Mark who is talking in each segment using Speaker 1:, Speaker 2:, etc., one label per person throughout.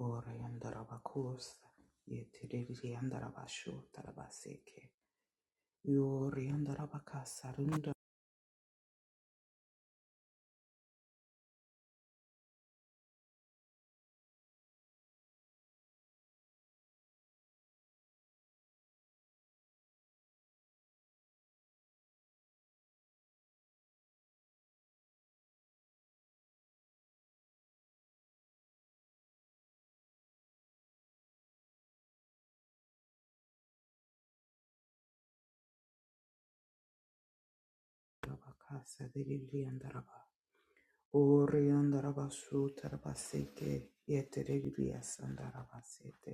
Speaker 1: Oriandarabakos, Yetiririandarabasho, Tarabaseke, Yoriandarabakasa, Rundarabakasa, Diririandaraba, Oriandarabasu, Tarabaseke, Yetiririasandarabasete,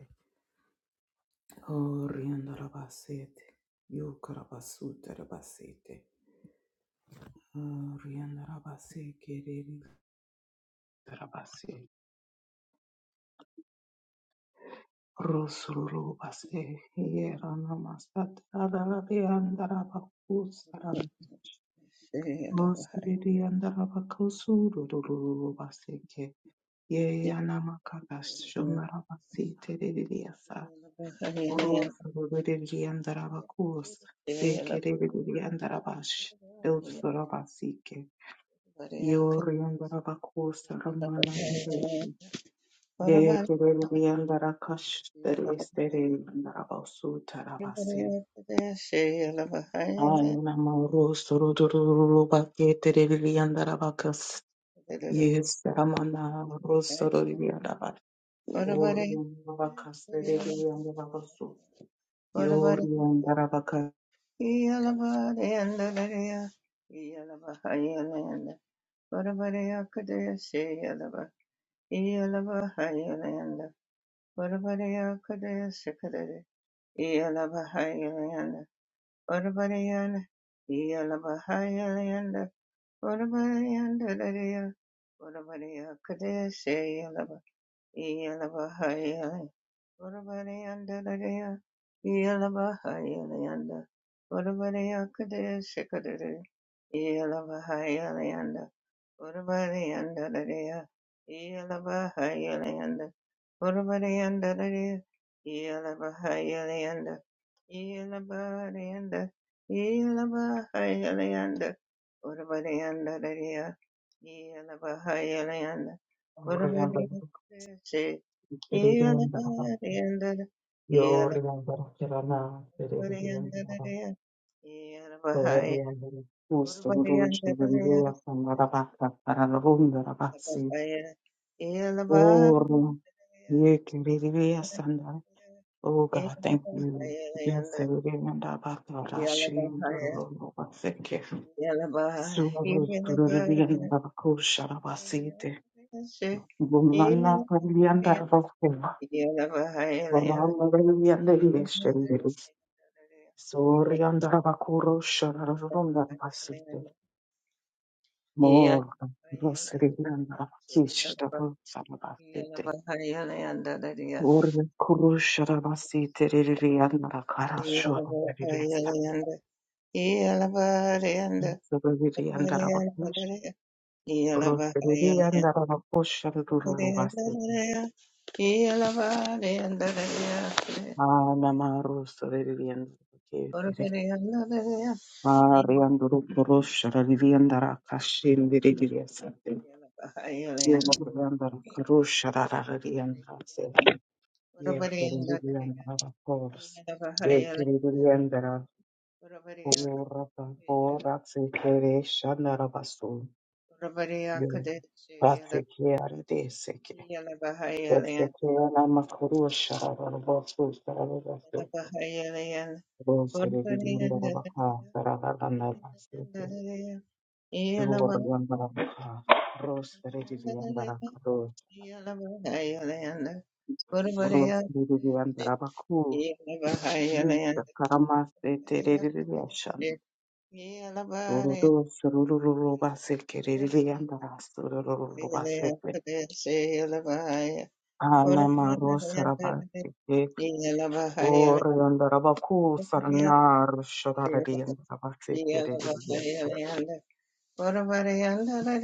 Speaker 1: Oriandarabasete, Yokarabasu, Tarabasete, Oriandarabaseke, Diririandarabase. Rosururu base hiera namasat adarari andarabakus
Speaker 2: Yalabari
Speaker 1: aran rosiriri andarabakusururu base ke ye anamakadash shonarabasi tereririasa rosuriri andarabakus dekereriri andarabash dosurabasi ke yori andarabakus ramana Ye Kerebiandarakash Teristere Narabasu Tarabase. Ayanamuru Suruduru Bakke Terebiandarabakas. Yes, Ramana Rosorodibiandabat. Orion Babakas, the Terebiandarabasu. Yorion Darabaka.
Speaker 2: and the Barabaraya Kadaya Seyalaba Iyalaba Hayalayanda Barabaraya Kadaya Sakadaya Iyalaba Hayalayanda Barabarayana Iyalaba Hayalayanda Barabarayanda Dadaya Barabaraya Kadaya Seyalava. Yalabahayala, Varavareyandadadaya, Yalabahayalayanda, Varavareyakadaya Sikadadaya, Yalabahayalayanda, Varavareyandadadaya, Yalabahayalayanda, Varavareyandadadaya, Yalabahayalayanda, Yalabareyanda, Yalabahayalayanda, Varavareyandadadaya, Yalabahayalayanda,
Speaker 1: Orion Darabakas
Speaker 2: yeah.
Speaker 1: Terebiandarabasu. Yorion Darakirana Terebiandarabasu. Orion Darabakas Terebiandarabasu. Yorion Darabakas Terebiandarabasu. Oh, yeah, can be the way I stand up. Oh, God, thank you. Yes, I will remember about that. I should remember about that. So I was to the end of a remember about Kushara Basite. Bumana Palianda Rokema. Bumana Palianda Ilishende. Sorry, andara bakuro shara runda basite.
Speaker 2: Iyala
Speaker 1: More,
Speaker 2: bahiyala
Speaker 1: rosri andara
Speaker 2: iyala
Speaker 1: kishta
Speaker 2: bah iyala bahiyala yanda dariya
Speaker 1: Urne kurushara basitereri yandara
Speaker 2: iyala
Speaker 1: karashoro
Speaker 2: bahiyala
Speaker 1: biriyasta.
Speaker 2: yanda iyala bahiyala yanda
Speaker 1: Sabiri yandara
Speaker 2: dariya
Speaker 1: bakush.
Speaker 2: dariya iyala
Speaker 1: Rosereri
Speaker 2: bahiyala
Speaker 1: yandara bakushara
Speaker 2: yanda dariya
Speaker 1: dururu basete.
Speaker 2: dariya iyala bahiyala yanda dariya dariya
Speaker 1: Ana maruso reri yandara
Speaker 2: oru
Speaker 1: ketere.
Speaker 2: dariya dariya
Speaker 1: Mari yanduru kurushara reri yandara kashin diri diriyasate.
Speaker 2: iyala bahiyala yanda
Speaker 1: Yandara yandara kurushara reri yandara se.
Speaker 2: oru dariya
Speaker 1: Yeferi reri
Speaker 2: dariya
Speaker 1: yandara bakurs.
Speaker 2: iyala
Speaker 1: Bekeri
Speaker 2: bahiyala
Speaker 1: reri yandara.
Speaker 2: Yeah.
Speaker 1: Ora, ora, se kere shandara basu. Vasekearadeseke. Vasekeana makurusha rarabasuta rarabasuta. Rose reriyenda rabakasa rararana basete. Rivoriyanda rabaka. Rose reriyanda rakaro. Rose reriyanda rabaku. Risa karamasete reriyashanda. Rurudos rururu baseke reriyanda rasururu basete. Ana
Speaker 2: Yeah.
Speaker 1: rabaseke. Oriandarabaku Sarnar Shadaradian Abatikiriya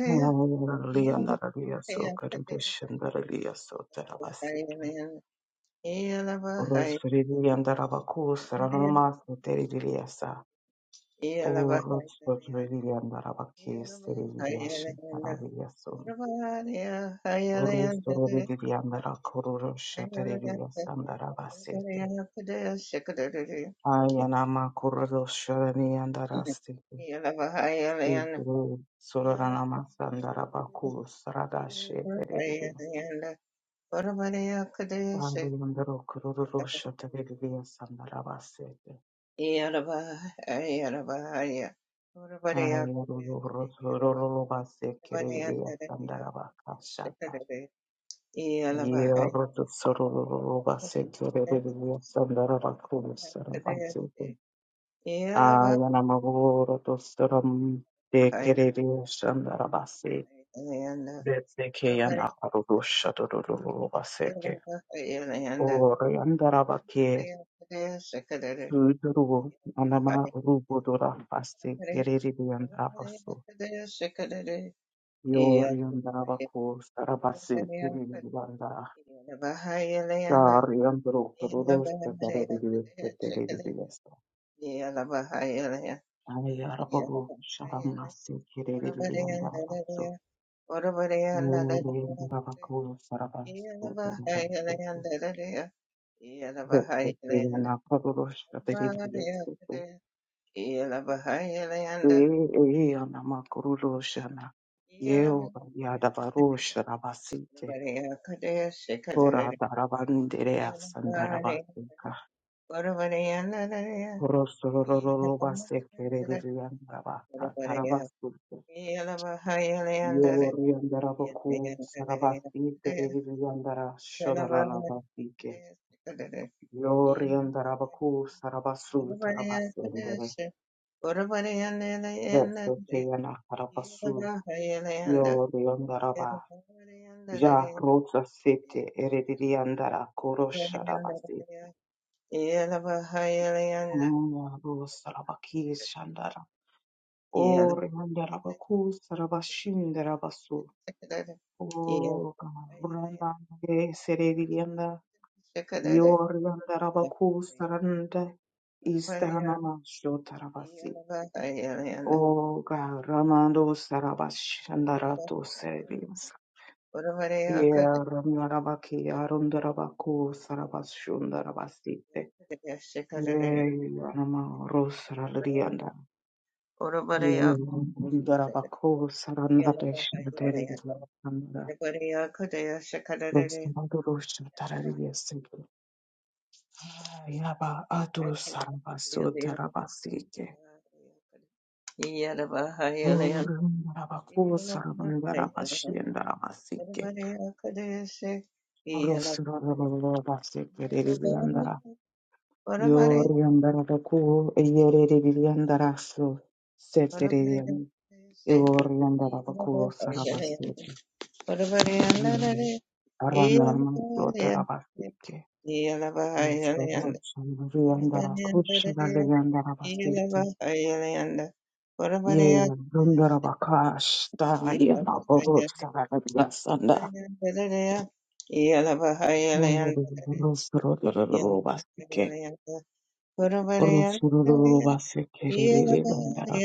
Speaker 1: Liandaralia so Kadimpish the Daralia so Tarabasiki Rosriandarabaku Saranamas Teriliasa Urosriandarabaki Seriliashan Araliasum Urusriandarakuru Shatarilia Sandarabasete Ayanama Kurdo Sharani and Arasti Sororana masandara bakuru sarada şedere diyorsun. Arındırı kururu şatı veriliyor sandara basete.
Speaker 2: Yeah.
Speaker 1: Ayrılıyor sororulu basekere veriyor sandara bakaşata. Yoruldu sororulu basekere veriliyor sandara bakuru sarada basete. Ayana mağuru dostlarım dekere veriyor sandara basete. Betseke yana kururu şatı Oriandarabake, Suduru, Anama Rubodora Fasti, Geriribi and Rabasu,
Speaker 2: Yeah.
Speaker 1: Yoriandarabaku, Sarabasi, Tiribanda, Sariandro, Kurudos, the Baradibi, the Teribiasta, Ayarabu, Sharamasi, Kiribi and Rabasu, Yoriandarabaku, Sarabasu, the Vete, Vete, Anakarudos, the Teribiasta, Ee, ana makuruloshana.
Speaker 2: Yeah.
Speaker 1: Yeo yadavarosha rabasite. Ora taravanderea sandarabasika. Horosorororo basekereriandaba. Tarabasite. Yeo riandaraboku sarabasite ririandara shodoralabasike. Yeo riandaraboku sarabasu tarabasendere. Verso keyana harabasu. Yeo riandaraba Ja roza sete eriri andara koro sharabasi. Ona rosa rabaki shandara. Ore andara bakus sarabashindara basu. O randa de seriri anda. Yor andara baku saranda. Istaranama shotarabasi. O ga
Speaker 2: Yeah.
Speaker 1: ramando sarabashandarato serins. Yer ramarabaki arundarabaku sarabashundarabasite. Yeah, yeah, nama rosra ladianda. Yeah, kundara bako saranda deshna dere kanda. Rosra madu
Speaker 2: Yeah.
Speaker 1: rosha tarariya seke. Ya ba adu saramba so daraba seke. Orunda bako saranda raba shienda raba seke. Rosra raba seke dere kanda. Yo rianda bako eyere dere kanda raso. Yorianda Rabaku Sarabasuki. Aranama Sotarabasiki. Yorianda Rakusha Yanda Rabasiki. Ye Rundarabakash Tayana Borusarabasanda.
Speaker 2: Yalaba, Yalaba,
Speaker 1: Rusurubasiki.
Speaker 2: Yalaba,
Speaker 1: Rusurubasiki Riri Vandara.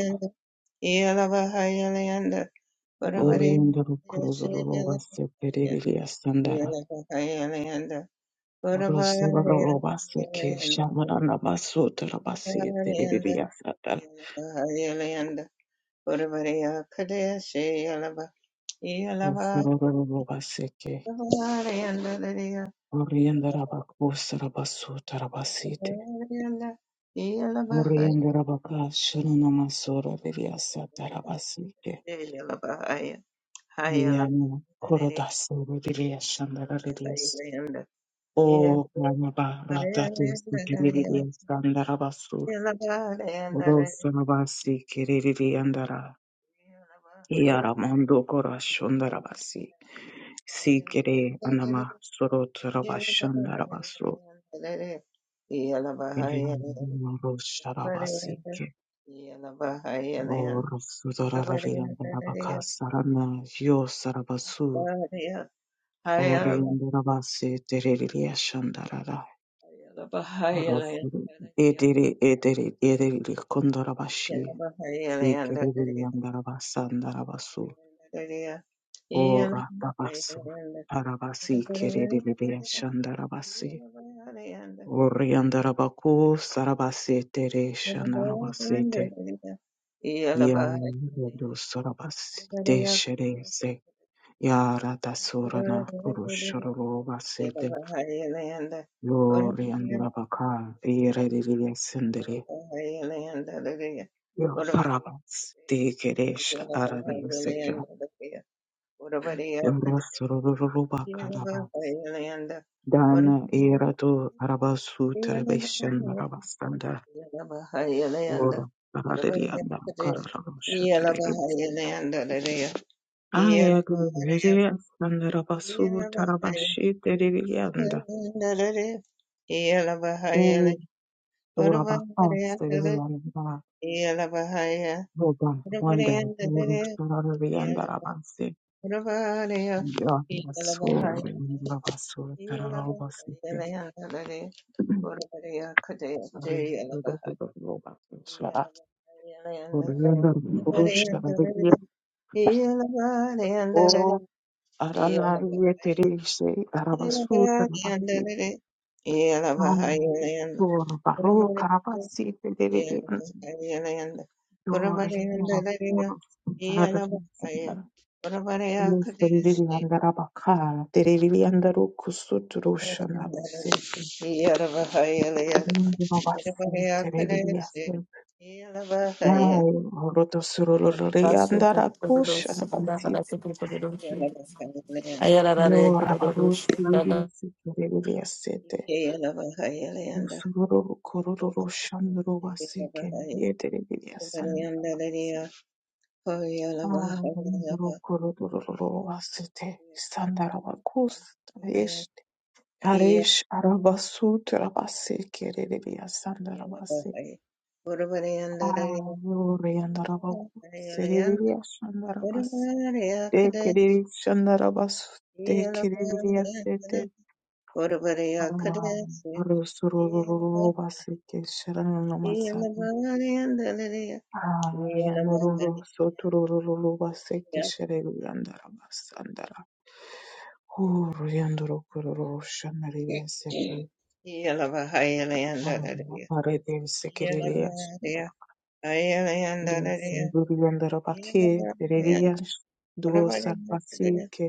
Speaker 1: Orienda Rukurubasiki Riri Sandara. Rosororobaseke
Speaker 2: Yalaba,
Speaker 1: shamananabasota rabasete ririasata rosororobaseke oriendarabakosara rabasota rabasete
Speaker 2: Yeah.
Speaker 1: oriendarabakashanamasoro ririasata rabasete yano korodasoro ririashandara ririas o kanaba ratateseke ririasandarabasu rosorobaseke ririandara Yaramando Korashondarabasi. Sikere Anama Sorotarabashandarabasu. Rosharabasike. Orsudarariandarabakasarana Yosarabasu. Oriandarabase Tereriashandarara. Orosuru. Edere Edere Edere Kondarabashi. Sikere Yandarabasan Ora tabasu arabasi kerelebe shandarabasi. Ori andarabaku sarabasi tere shandarabasi te. Ya redu sarabasi te sherese. Ya rata surana kurushoro basete. Lori andarabaka irelebe sendere. Ya sarabasi te keresh arabi seka.
Speaker 2: Yeah. Urabariya
Speaker 1: Ya
Speaker 2: Kudiyanda
Speaker 1: Dan
Speaker 2: Urabariya
Speaker 1: era to Arabasu
Speaker 2: Yelanda
Speaker 1: Terebeshan Rabastanda or
Speaker 2: Urabariya
Speaker 1: Valerianda
Speaker 2: Kudaya
Speaker 1: Karabashatarabin.
Speaker 2: Yelavahayalayanda Dadaya
Speaker 1: I
Speaker 2: Yelavahaya
Speaker 1: agree and Rabasu
Speaker 2: Yelavahaya
Speaker 1: Tarabashi Terianda.
Speaker 2: Yelavahaya
Speaker 1: Oh,
Speaker 2: Urabariya
Speaker 1: Dorabakas
Speaker 2: Dadaya
Speaker 1: Terianda.
Speaker 2: Yelavahaya
Speaker 1: Roban, one day,
Speaker 2: Urabariya Dadaya
Speaker 1: Urushararianda
Speaker 2: Yelavahaya
Speaker 1: Rabasi. Yasu
Speaker 2: Yelavahaya
Speaker 1: Rabasu
Speaker 2: Yelavahaya
Speaker 1: Tarabasi.
Speaker 2: Yelavahaya Orabariya Kadaya
Speaker 1: Rabasi.
Speaker 2: Jay Alabaha Yalabayanda Yalabayanda Yalabayanda
Speaker 1: Oh,
Speaker 2: Yalabayanda Yalabayanda
Speaker 1: Aranarietereshe arabasuta rabasi um dor baro
Speaker 2: Orabariyanda
Speaker 1: karabasi pederian
Speaker 2: Yalabayanda
Speaker 1: dor
Speaker 2: Orabariyanda
Speaker 1: yamara poros tarabisi
Speaker 2: Yalabaya Orabariya
Speaker 1: Res
Speaker 2: Kadaya
Speaker 1: perilian
Speaker 2: Jay
Speaker 1: darabaka terilian daru kusut roshana vasete
Speaker 2: Yalabayanda Yalabayanda
Speaker 1: Ormundo vasi
Speaker 2: Orabariya Kadaya Jay
Speaker 1: teriliaste
Speaker 2: Yalabayanda
Speaker 1: Yai roto surulore andara kushana vasete
Speaker 3: Ayarara
Speaker 2: What
Speaker 1: Yo rabarusi teriliaste Usururu kororo shandro vaseke yetere yasanra vatsa. Arindro kororo vasete sandara vakus reshte. Aresh arabasut rabaseke rerere yasandara vase.
Speaker 2: about
Speaker 1: Arore yandara vakus rerere yasandara vase. Dekerere shandara vasu dekerere yasete.
Speaker 2: the
Speaker 1: Arusururu vaseke sharanana masadu.
Speaker 2: Akadesi?
Speaker 1: Ah,
Speaker 2: Yeah.
Speaker 1: Yandaruru sotururu baseke shereru yandara basandara. Huru yanduru kururu shanariri yasete. Arede sekeriri yasandara. Sunduri yandara baki dereri yash. Duo sarpasike.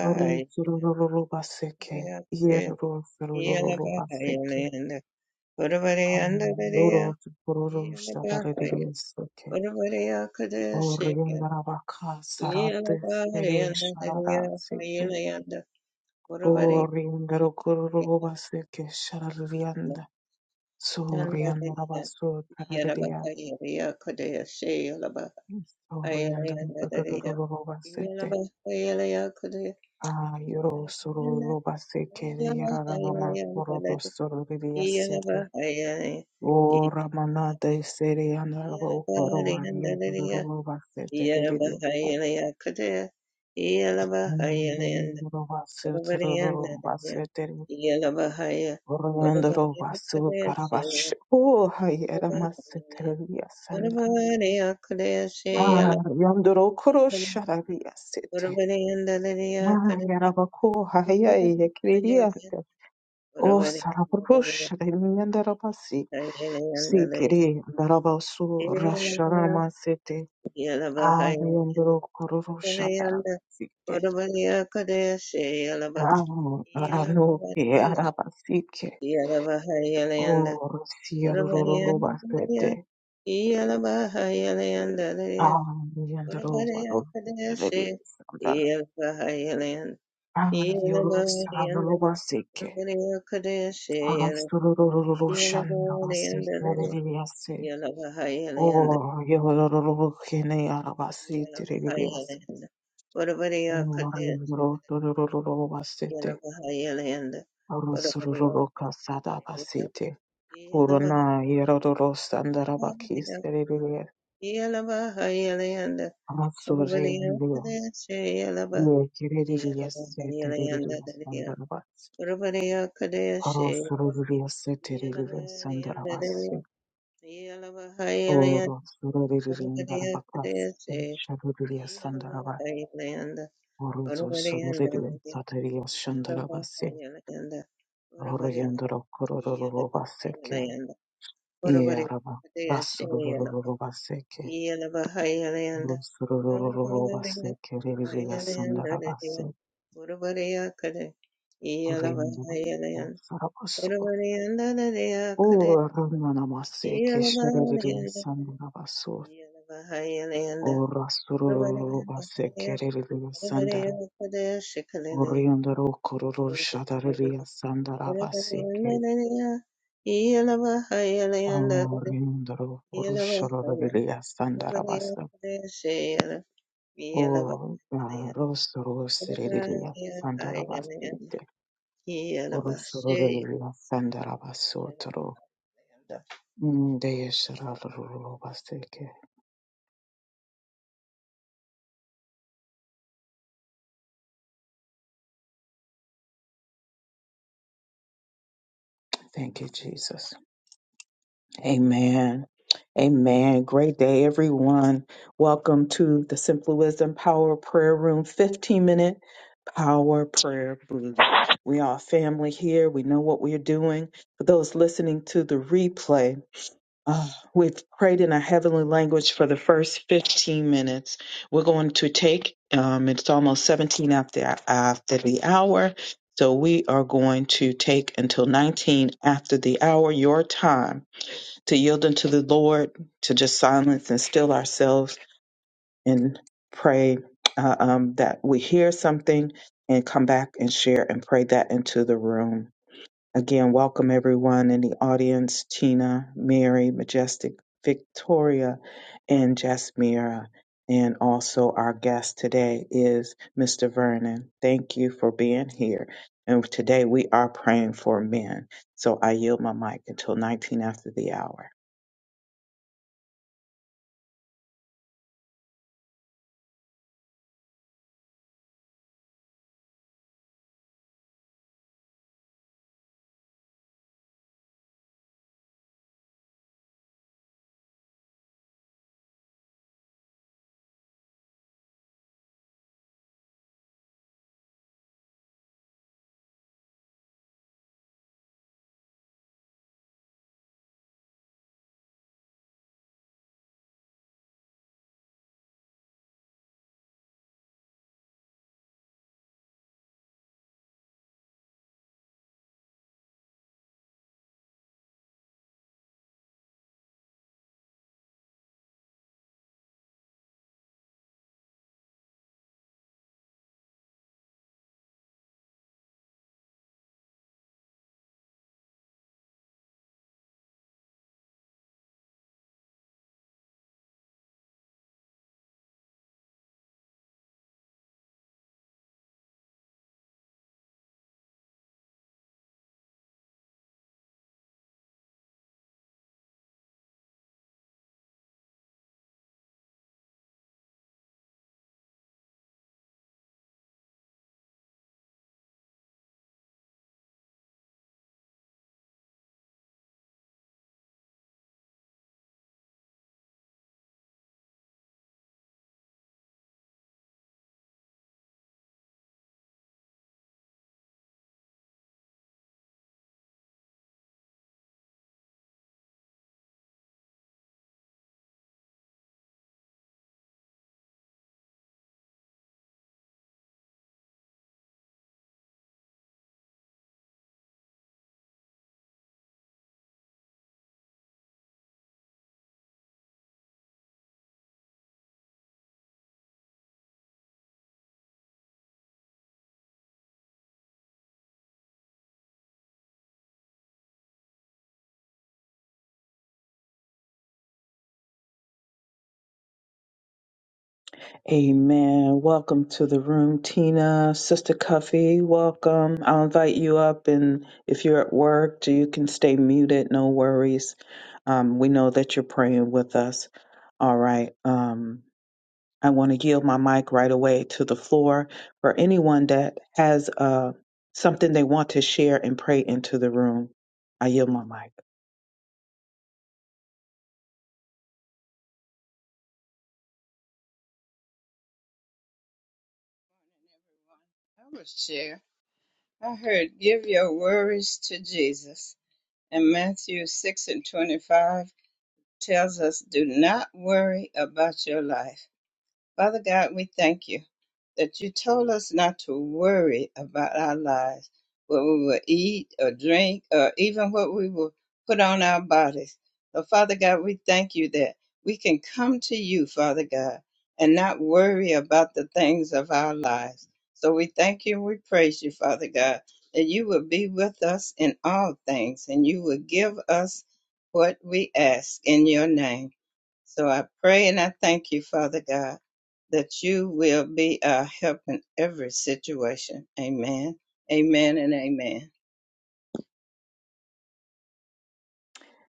Speaker 1: Huru sururu baseke. Yeruru sururu baseke. Huru kururu shanariri yaseke. Oriendera baka sarate sere sharara seke. Oriendera kururu baseke shararianda. Soriendera
Speaker 2: Chandelier,
Speaker 1: basu tarariya.
Speaker 2: Yelabahaya, Kodea, Shayalaba,
Speaker 1: Soriendera
Speaker 2: Ayalandaria,
Speaker 1: tutururu basete.
Speaker 2: Yelabahaya, Kodea,
Speaker 1: Ayuro
Speaker 2: Yelabahaya,
Speaker 1: sururu baseke
Speaker 2: Yelabahaya,
Speaker 1: yararama kururu sururiya seke.
Speaker 2: Yelabahaya,
Speaker 1: Ora manate sere anarabo koro
Speaker 2: Yelabahaya,
Speaker 1: ariyo
Speaker 2: Yandelier,
Speaker 1: kururu basete ririya.
Speaker 2: Yelabahaya, Kodea, Yelabahaya,
Speaker 1: Oriendera basu tururu
Speaker 2: Kodea,
Speaker 1: basete
Speaker 2: Yelabahaya,
Speaker 1: Orlando
Speaker 2: Kodea,
Speaker 1: Basu Karabash. Oh, Hayera
Speaker 2: Shayalabahaya,
Speaker 1: Maseteria Sanda.
Speaker 2: Yalabahayalanda,
Speaker 1: Ah, Yandoro Koro Shararia Sete. Ma Yarabako Hayaya Kiriante. Oh, Sarabush, the Yandarabasi. Sikiri, Darabasu, Rasharama Sete. Ah, Yandoro Koro Shatara. Sike. Ah, Ranoke Arabasike.
Speaker 2: Yalabahayalanda,
Speaker 1: Oh, Rosiero Basete. Oh,
Speaker 2: Yalabahayalanda, Yeah.
Speaker 1: Oro suruririya setereriya sandarabasi. Oro suruririya ndarabakasti. Sharuririya
Speaker 2: Yeah.
Speaker 1: sandaraba. Oro zo suruririya sateriya shandarabasi. Oro yandaro kororororo baseke. Iyaraba. Basururururu baseke. Oro sururururu baseke. Ririya sandarabasi. Oro yandaro. Oro sarabasu. Oro namaseke. Sharuririya sandarabasu. Orasururubaseke Sandara Oriondoro Kororo
Speaker 2: I was
Speaker 1: Shadaria Sandara Baseke Oriondoro Urushororia Sandara Basa O Rosoro Serelia Sandara Basite Urusororia Sandara Basotoro Ndeyeshara Baseke Thank you, Jesus. Amen. Amen. Great day, everyone. Welcome to the Simply Wisdom Power Prayer Room 15 minute power prayer booth. We are a family here. We know what we're doing. For those listening to the replay, uh, we've prayed in a heavenly language for the first 15 minutes. We're going to take, um, it's almost 17 after, after the hour. So we are going to take until 19 after the hour, your time to yield unto the Lord, to just silence and still ourselves and pray uh, um, that we hear something and come back and share and pray that into the room. Again, welcome everyone in the audience Tina, Mary, Majestic, Victoria, and Jasmira. And also, our guest today is Mr. Vernon. Thank you for being here. And today we are praying for men. So I yield my mic until 19 after the hour. Amen. Welcome to the room, Tina. Sister Cuffy, welcome. I'll invite you up, and if you're at work, you can stay muted. No worries. Um, we know that you're praying with us. All right. Um, I want to yield my mic right away to the floor for anyone that has uh, something they want to share and pray into the room. I yield my mic.
Speaker 2: share. I heard, give your worries to Jesus. And Matthew 6 and 25 tells us, do not worry about your life. Father God, we thank you that you told us not to worry about our lives, what we will eat or drink, or even what we will put on our bodies. So, Father God, we thank you that we can come to you, Father God, and not worry about the things of our lives. So, we thank you and we praise you, Father God, that you will be with us in all things and you will give us what we ask in your name. So I pray and I thank you, Father God, that you will be our help in every situation. Amen. Amen and amen.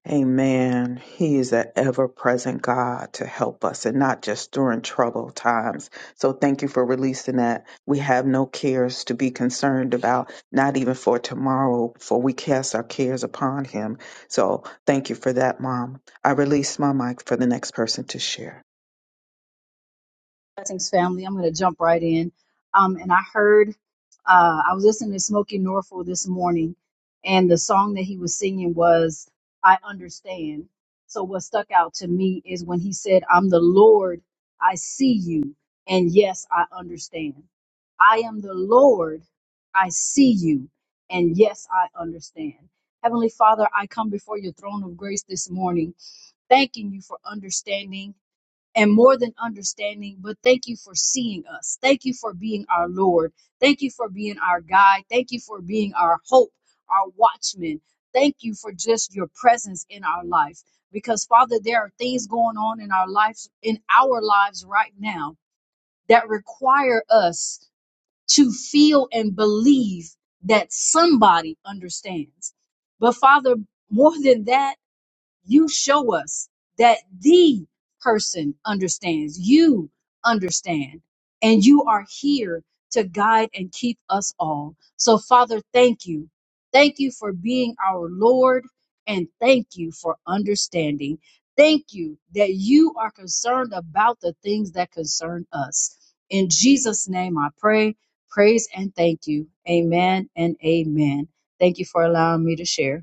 Speaker 1: Amen. He is an ever present God to help us and not just during troubled times. So thank you for releasing that. We have no cares to be concerned about, not even for tomorrow, for we cast our cares upon Him. So thank you for that, Mom. I release my mic for the next person to share.
Speaker 4: Blessings, family. I'm going to jump right in. Um, and I heard, uh, I was listening to Smokey Norfolk this morning, and the song that he was singing was I Understand. So, what stuck out to me is when he said, I'm the Lord, I see you, and yes, I understand. I am the Lord, I see you, and yes, I understand. Heavenly Father, I come before your throne of grace this morning, thanking you for understanding and more than understanding, but thank you for seeing us. Thank you for being our Lord. Thank you for being our guide. Thank you for being our hope, our watchman. Thank you for just your presence in our life. Because Father, there are things going on in our lives, in our lives right now that require us to feel and believe that somebody understands. But Father, more than that, you show us that the person understands you understand and you are here to guide and keep us all so father thank you thank you for being our lord and thank you for understanding thank you that you are concerned about the things that concern us in jesus name i pray praise and thank you amen and amen thank you for allowing me to share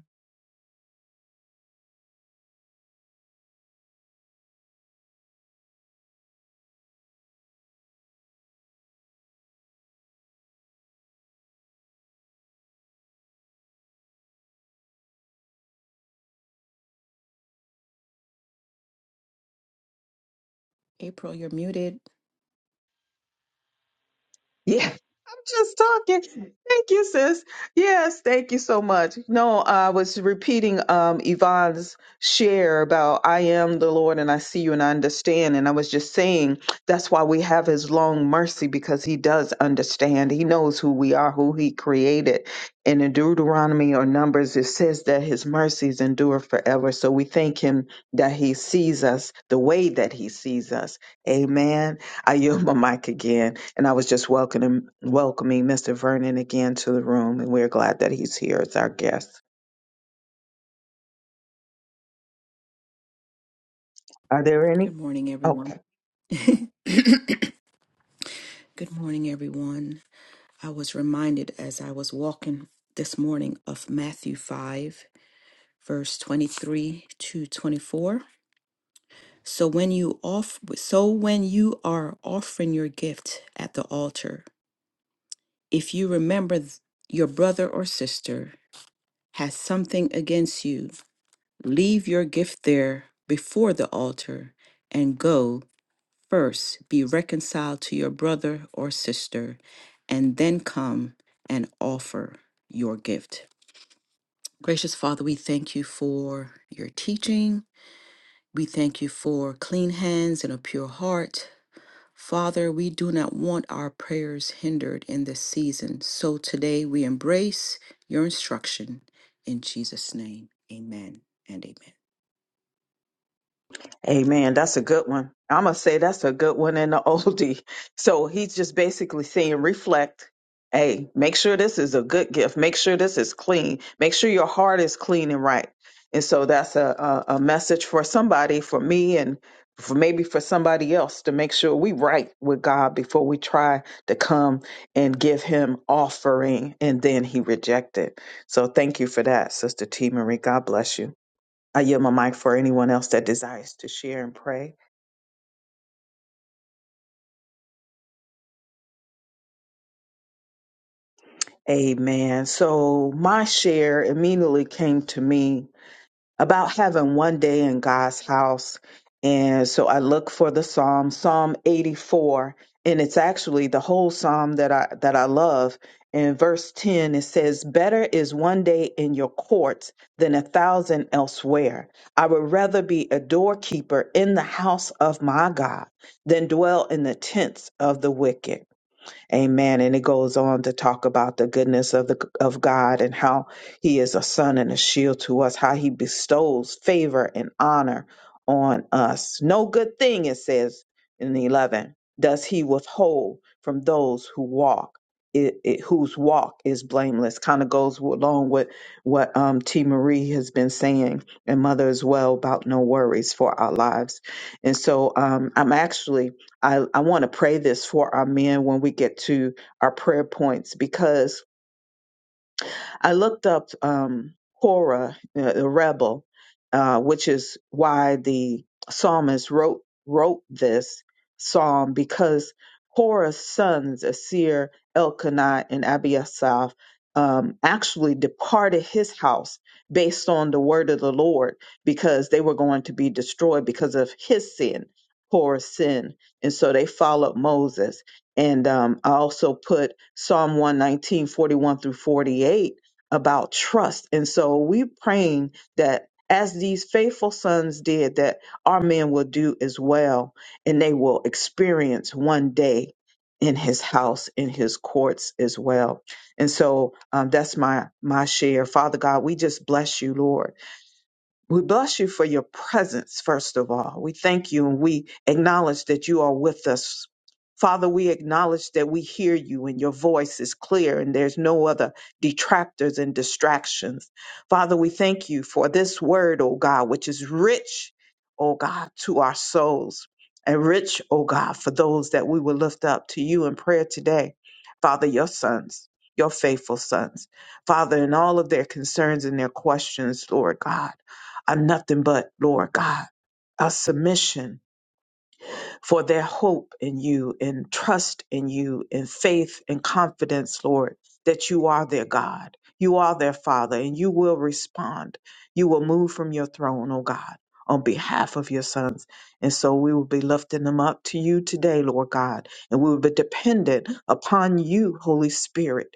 Speaker 5: April, you're muted.
Speaker 1: Yeah, I'm just talking. Thank you, sis. Yes, thank you so much. No, I was repeating um Yvonne's share about I am the Lord and I see you and I understand. And I was just saying that's why we have his long mercy because he does understand. He knows who we are, who he created. And in Deuteronomy or Numbers, it says that his mercies endure forever. So we thank him that he sees us the way that he sees us. Amen. I yield my mic again, and I was just welcoming welcoming Mr. Vernon again to the room, and we're glad that he's here as our guest. Are there any?
Speaker 5: Good morning, everyone.
Speaker 1: Okay.
Speaker 5: Good morning, everyone. I was reminded as I was walking this morning of Matthew 5, verse 23 to 24. So when you off so when you are offering your gift at the altar, if you remember th- your brother or sister has something against you, leave your gift there before the altar and go First, be reconciled to your brother or sister, and then come and offer your gift. Gracious Father, we thank you for your teaching. We thank you for clean hands and a pure heart. Father, we do not want our prayers hindered in this season. So today we embrace your instruction. In Jesus' name, amen and amen.
Speaker 1: Amen. That's a good one. I'm going to say that's a good one and the oldie. So he's just basically saying, reflect. Hey, make sure this is a good gift. Make sure this is clean. Make sure your heart is clean and right. And so that's a, a, a message for somebody, for me, and for maybe for somebody else to make sure we right with God before we try to come and give him offering and then he rejected. So thank you for that, Sister T. Marie. God bless you. I yield my mic for anyone else that desires to share and pray. Amen. So my share immediately came to me about having one day in God's house. And so I look for the Psalm, Psalm 84, and it's actually the whole Psalm that I that I love. In verse 10, it says, Better is one day in your courts than a thousand elsewhere. I would rather be a doorkeeper in the house of my God than dwell in the tents of the wicked. Amen. And it goes on to talk about the goodness of the of God and how He is a sun and a shield to us, how He bestows favor and honor on us. No good thing, it says in the eleven, does He withhold from those who walk. It, it, whose walk is blameless kind of goes along with what um, T. Marie has been saying and Mother as well about no worries for our lives. And so um, I'm actually I, I want to pray this for our men when we get to our prayer points because I looked up um, Korah, uh, the rebel, uh, which is why the psalmist wrote wrote this psalm because Korah's sons, Asir, Elkanah, and Abiasaph, um, actually departed his house based on the word of the Lord because they were going to be destroyed because of his sin, Korah's sin, and so they followed Moses. And um, I also put Psalm one nineteen forty one through 48 about trust. And so we're praying that as these faithful sons did, that our men will do as well, and they will experience one day in his house, in his courts as well. And so um, that's my my share. Father God, we just bless you, Lord. We bless you for your presence, first of all. We thank you and we acknowledge that you are with us. Father, we acknowledge that we hear you and your voice is clear and there's no other detractors and distractions. Father, we thank you for this word, O God, which is rich, O God, to our souls and rich, O God, for those that we will lift up to you in prayer today. Father, your sons, your faithful sons, Father, in all of their concerns and their questions, Lord God are nothing but, Lord God, our submission for their hope in you and trust in you and faith and confidence, Lord, that you are their God. You are their Father and you will respond. You will move from your throne, O God, on behalf of your sons. And so we will be lifting them up to you today, Lord God, and we will be dependent upon you, Holy Spirit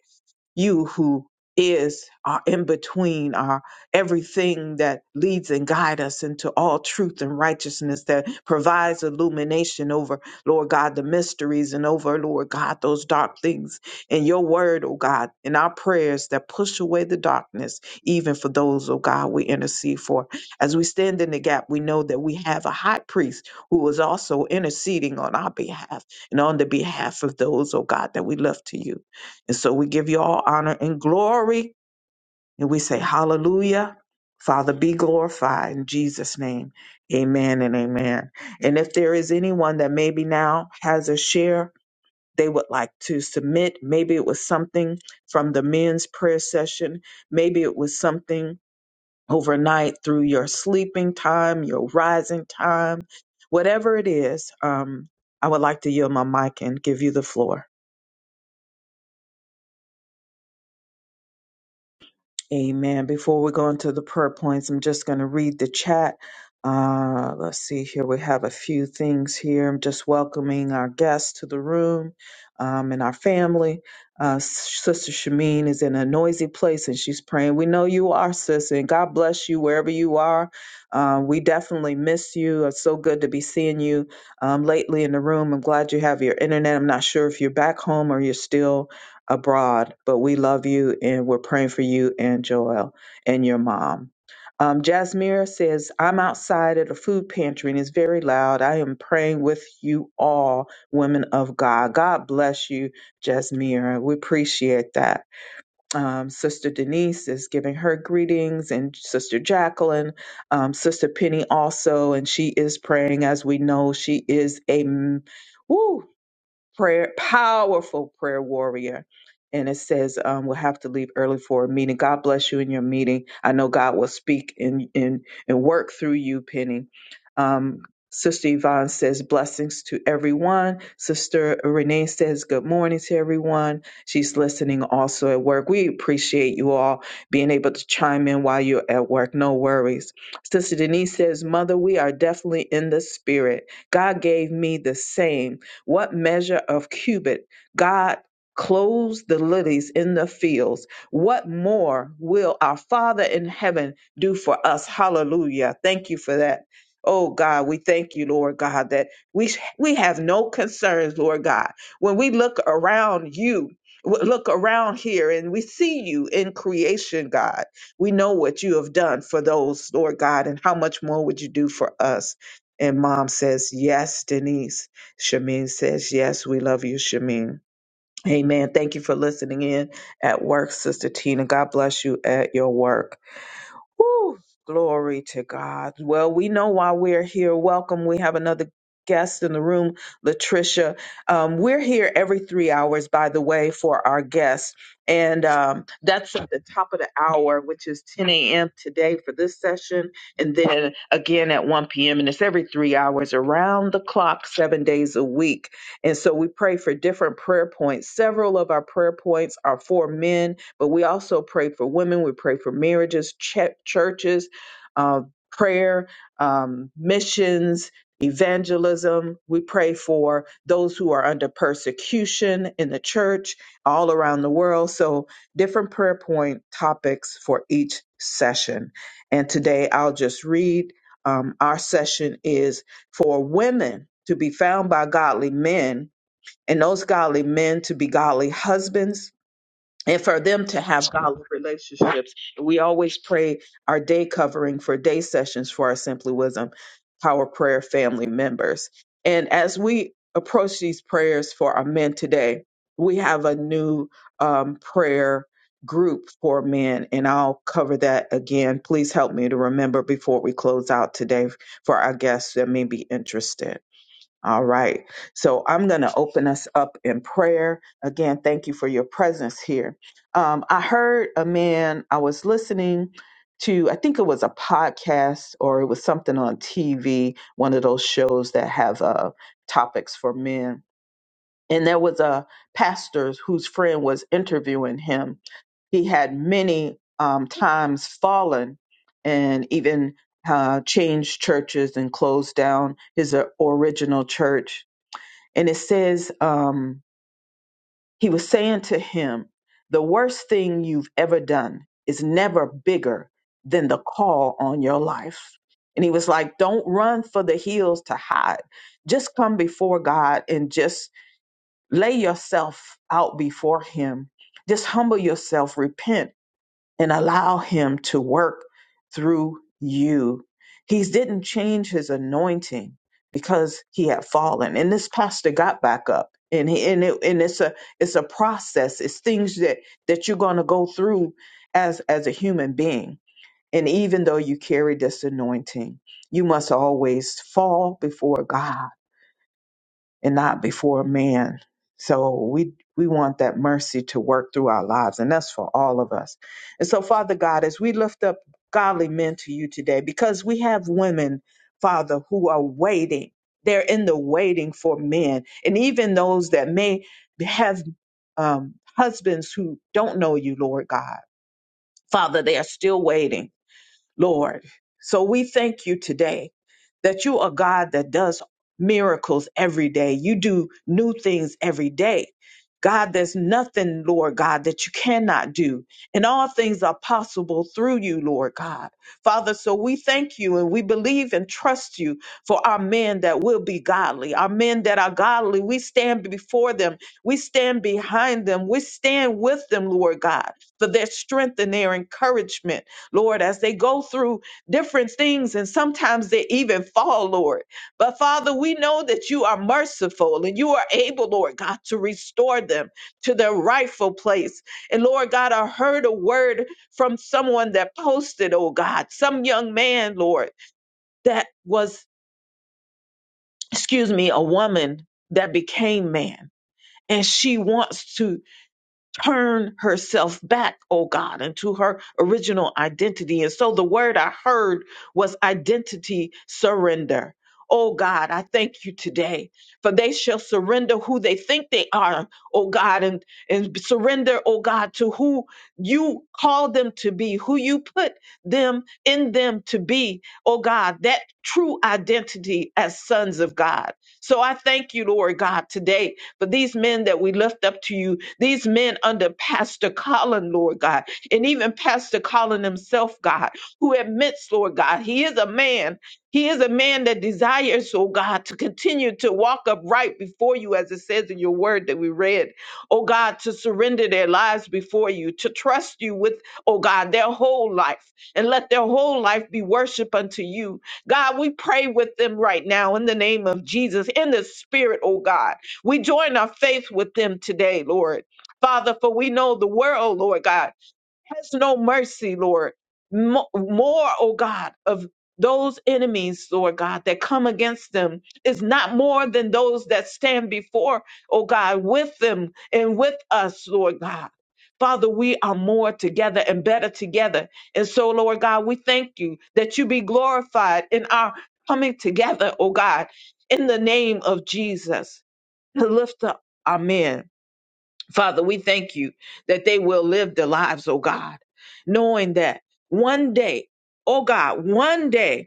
Speaker 1: you who is our in between, our everything that leads and guide us into all truth and righteousness that provides illumination over, Lord God, the mysteries and over, Lord God, those dark things in your word, oh God, in our prayers that push away the darkness, even for those, oh God, we intercede for. As we stand in the gap, we know that we have a high priest who is also interceding on our behalf and on the behalf of those, oh God, that we love to you. And so we give you all honor and glory. And we say, Hallelujah. Father, be glorified in Jesus' name. Amen and amen. And if there is anyone that maybe now has a share they would like to submit, maybe it was something from the men's prayer session, maybe it was something overnight through your sleeping time, your rising time, whatever it is, um, I would like to yield my mic and give you the floor. Amen. Before we go into the prayer points, I'm just going to read the chat. Uh, let's see here. We have a few things here. I'm just welcoming our guests to the room um, and our family. Uh, Sister Shameen is in a noisy place and she's praying. We know you are, sis, and God bless you wherever you are. Uh, we definitely miss you. It's so good to be seeing you um, lately in the room. I'm glad you have your internet. I'm not sure if you're back home or you're still abroad, but we love you and we're praying for you and Joel and your mom. Um, Jasmira says, I'm outside at a food pantry and it's very loud. I am praying with you all, women of God. God bless you, Jasmira. We appreciate that. Um, Sister Denise is giving her greetings and Sister Jacqueline, um, Sister Penny also, and she is praying. As we know, she is a, woo, prayer, powerful prayer warrior. And it says, um, we'll have to leave early for a meeting. God bless you in your meeting. I know God will speak and and, and work through you, Penny. Um, Sister Yvonne says, blessings to everyone. Sister Renee says, good morning to everyone. She's listening also at work. We appreciate you all being able to chime in while you're at work. No worries. Sister Denise says, Mother, we are definitely in the spirit. God gave me the same. What measure of cubit God clothes the lilies in the fields? What more will our Father in heaven do for us? Hallelujah. Thank you for that. Oh God, we thank you, Lord God, that we we have no concerns, Lord God. When we look around you, w- look around here and we see you in creation, God. We know what you have done for those, Lord God, and how much more would you do for us? And mom says, "Yes, Denise. Shamin says, Yes, we love you, Shamin. Amen. Thank you for listening in at work, Sister Tina. God bless you at your work. Whew, glory to God. Well, we know why we're here. Welcome. We have another guest in the room, Latricia. Um, we're here every three hours, by the way, for our guests. And um, that's at the top of the hour, which is 10 a.m. today for this session. And then again at 1 p.m. And it's every three hours around the clock, seven days a week. And so we pray for different prayer points. Several of our prayer points are for men but we also pray for women. We pray for marriages, ch- churches, uh, prayer, um, missions, evangelism. We pray for those who are under persecution in the church all around the world. So, different prayer point topics for each session. And today I'll just read. Um, our session is for women to be found by godly men and those godly men to be godly husbands and for them to have godly relationships. We always pray our day covering for day sessions for our Simply Wisdom Power Prayer family members. And as we approach these prayers for our men today, we have a new um, prayer group for men, and I'll cover that again. Please help me to remember before we close out today for our guests that may be interested. All right. So I'm going to open us up in prayer. Again, thank you for your presence here. Um, I heard a man, I was listening to, I think it was a podcast or it was something on TV, one of those shows that have uh, topics for men. And there was a pastor whose friend was interviewing him he had many um, times fallen and even uh, changed churches and closed down his uh, original church and it says um, he was saying to him the worst thing you've ever done is never bigger than the call on your life and he was like don't run for the hills to hide just come before god and just lay yourself out before him just humble yourself repent and allow him to work through you. He didn't change his anointing because he had fallen. And this pastor got back up. And he, and it, and it's a it's a process. It's things that that you're going to go through as as a human being. And even though you carry this anointing, you must always fall before God and not before man. So we we want that mercy to work through our lives, and that's for all of us. And so, Father God, as we lift up godly men to you today, because we have women, Father, who are waiting. They're in the waiting for men, and even those that may have um, husbands who don't know you, Lord God. Father, they are still waiting Lord. So we thank you today that you are God that does miracles every day. You do new things every day. God, there's nothing, Lord God, that you cannot do. And all things are possible through you, Lord God. Father, so we thank you and we believe and trust you for our men that will be godly. Our men that are godly, we stand before them. We stand behind them. We stand with them, Lord God, for their strength and their encouragement. Lord, as they go through different things and sometimes they even fall, Lord. But Father, we know that you are merciful and you are able, Lord God, to restore them to their rightful place. And Lord God, I heard a word from someone that posted, oh God, some young man, Lord, that was, excuse me, a woman that became man. And she wants to turn herself back, oh God, into her original identity. And so the word I heard was identity surrender. Oh God, I thank you today for they shall surrender who they think they are, oh God, and, and surrender, oh God, to who you call them to be, who you put them in them to be, oh God, that true identity as sons of God. So I thank you, Lord God, today but these men that we lift up to you, these men under Pastor Colin, Lord God, and even Pastor Colin himself, God, who admits, Lord God, he is a man. He is a man that desires, oh God, to continue to walk upright before you, as it says in your word that we read, oh God, to surrender their lives before you, to trust you with, oh God, their whole life, and let their whole life be worship unto you. God, we pray with them right now in the name of Jesus, in the spirit, oh God. We join our faith with them today, Lord. Father, for we know the world, oh, Lord God, has no mercy, Lord. Mo- More, oh God, of those enemies, Lord God, that come against them is not more than those that stand before, oh God, with them and with us, Lord God. Father, we are more together and better together. And so, Lord God, we thank you that you be glorified in our coming together, oh God, in the name of Jesus to lift up our men. Father, we thank you that they will live their lives, oh God, knowing that one day, oh God, one day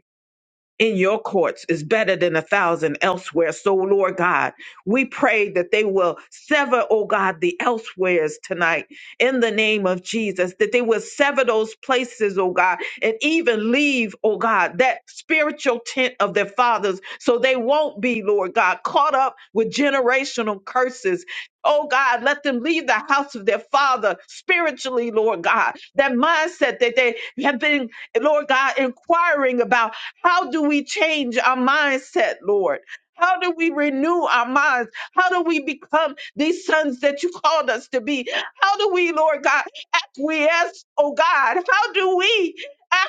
Speaker 1: in your courts is better than a thousand elsewhere. So, Lord God, we pray that they will sever, oh God, the elsewheres tonight in the name of Jesus, that they will sever those places, oh God, and even leave, oh God, that spiritual tent of their fathers so they won't be, Lord God, caught up with generational curses. Oh God, let them leave the house of their father spiritually, Lord God. That mindset that they have been Lord God, inquiring about how do we change our mindset, Lord? How do we renew our minds? How do we become these sons that you called us to be? How do we, Lord God, acquiesce, oh God? How do we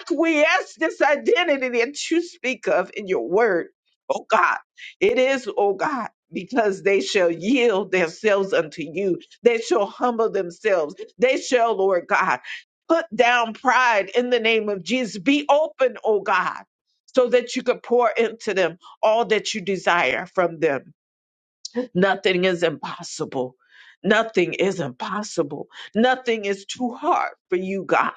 Speaker 1: acquiesce this identity that you speak of in your word, oh God? It is, oh God. Because they shall yield themselves unto you. They shall humble themselves. They shall, Lord God, put down pride in the name of Jesus. Be open, oh God so that you could pour into them all that you desire from them. Nothing is impossible. Nothing is impossible. Nothing is too hard for you, God.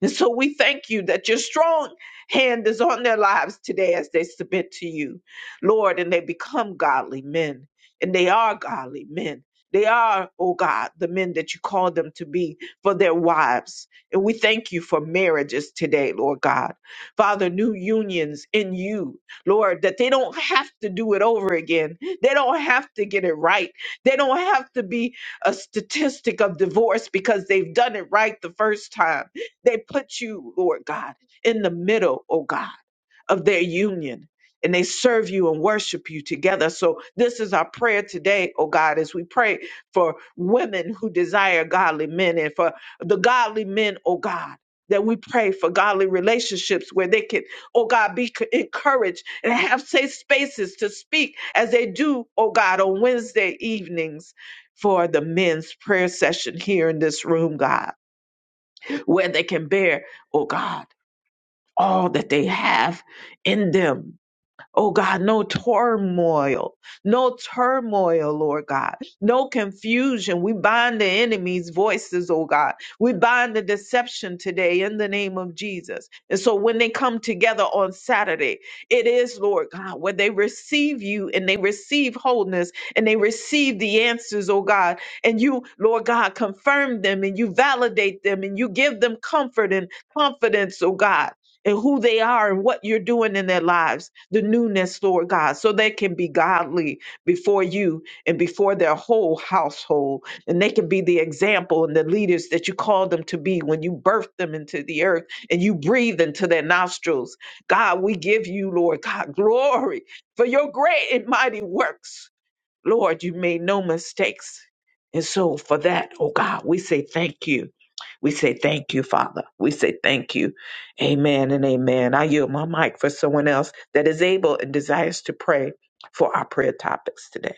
Speaker 1: And so we thank you that your strong hand is on their lives today as they submit to you, Lord, and they become godly men. And they are godly men. They are, oh God, the men that you called them to be for their wives. And we thank you for marriages today, Lord God. Father, new unions in you, Lord, that they don't have to do it over again they don't have to get it right. They don't have to be a statistic of divorce because they've done it right the first time. They put you, Lord God, in the middle, oh God of their union and they serve you and worship you together. So, this is our prayer today, oh God, as we pray for women who desire godly men and for the godly men, oh God. That we pray for godly relationships where they can, oh God, be c- encouraged and have safe spaces to speak as they do, oh God, on Wednesday evenings for the men's prayer session here in this room, God, where they can bear, oh God, all that they have in them Oh God, no turmoil, no turmoil, Lord God, no confusion. We bind the enemy's voices, oh God. We bind the deception today in the name of Jesus. And so when they come together on Saturday, it is, Lord God, where they receive you and they receive wholeness and they receive the answers, oh God. And you, Lord God, confirm them and you validate them and you give them comfort and confidence, oh God and who they are and what you're doing in their lives, the newness, Lord God, so they can be godly before you and before their whole household. And they can be the example and the leaders that you called them to be when you birthed them into the earth and you breathe into their nostrils. God, we give you, Lord God, glory for your great and mighty works Lord, you made no mistakes. And so for that, oh God, we say thank you. We say thank you, Father. We say thank you. Amen and amen. I yield my mic for someone else that is able and desires to pray for our prayer topics today.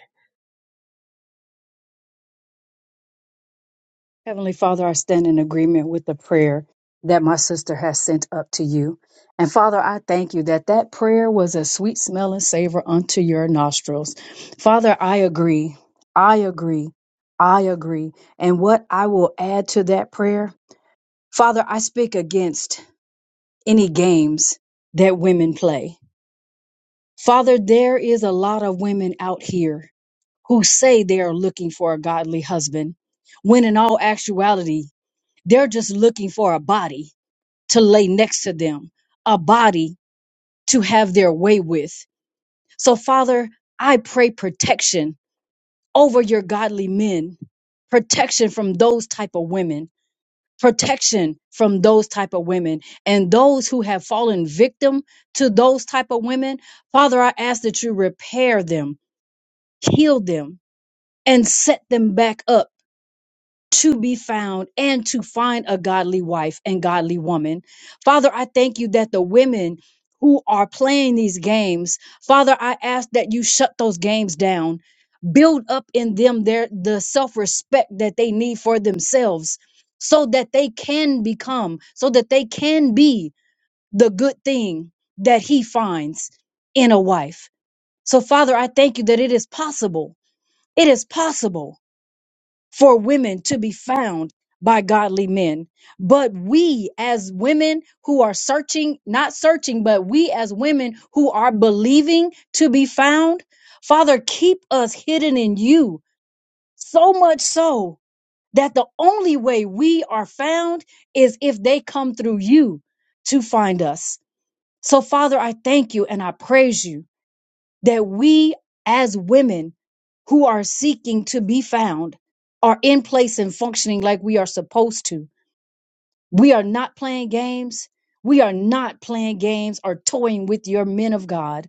Speaker 4: Heavenly Father, I stand in agreement with the prayer that my sister has sent up to you. And Father, I thank you that that prayer was a sweet smelling savor unto your nostrils. Father, I agree. I agree. I agree. And what I will add to that prayer, Father, I speak against any games that women play. Father, there is a lot of women out here who say they are looking for a godly husband, when in all actuality, they're just looking for a body to lay next to them, a body to have their way with. So, Father, I pray protection over your godly men, protection from those type of women, protection from those type of women, and those who have fallen victim to those type of women. Father, I ask that you repair them, heal them, and set them back up to be found and to find a godly wife and godly woman. Father, I thank you that the women who are playing these games, Father, I ask that you shut those games down. Build up in them their the self-respect that they need for themselves so that they can become, so that they can be the good thing that he finds in a wife. So Father, I thank you that it is possible. It is possible for women to be found by godly men. But we, as women who are searching, not searching, but we, as women who are believing to be found, Father, keep us hidden in you so much so that the only way we are found is if they come through you to find us. So, Father, I thank you and I praise you that we as women who are seeking to be found are in place and functioning like we are supposed to. We are not playing games. We are not playing games or toying with your men of God.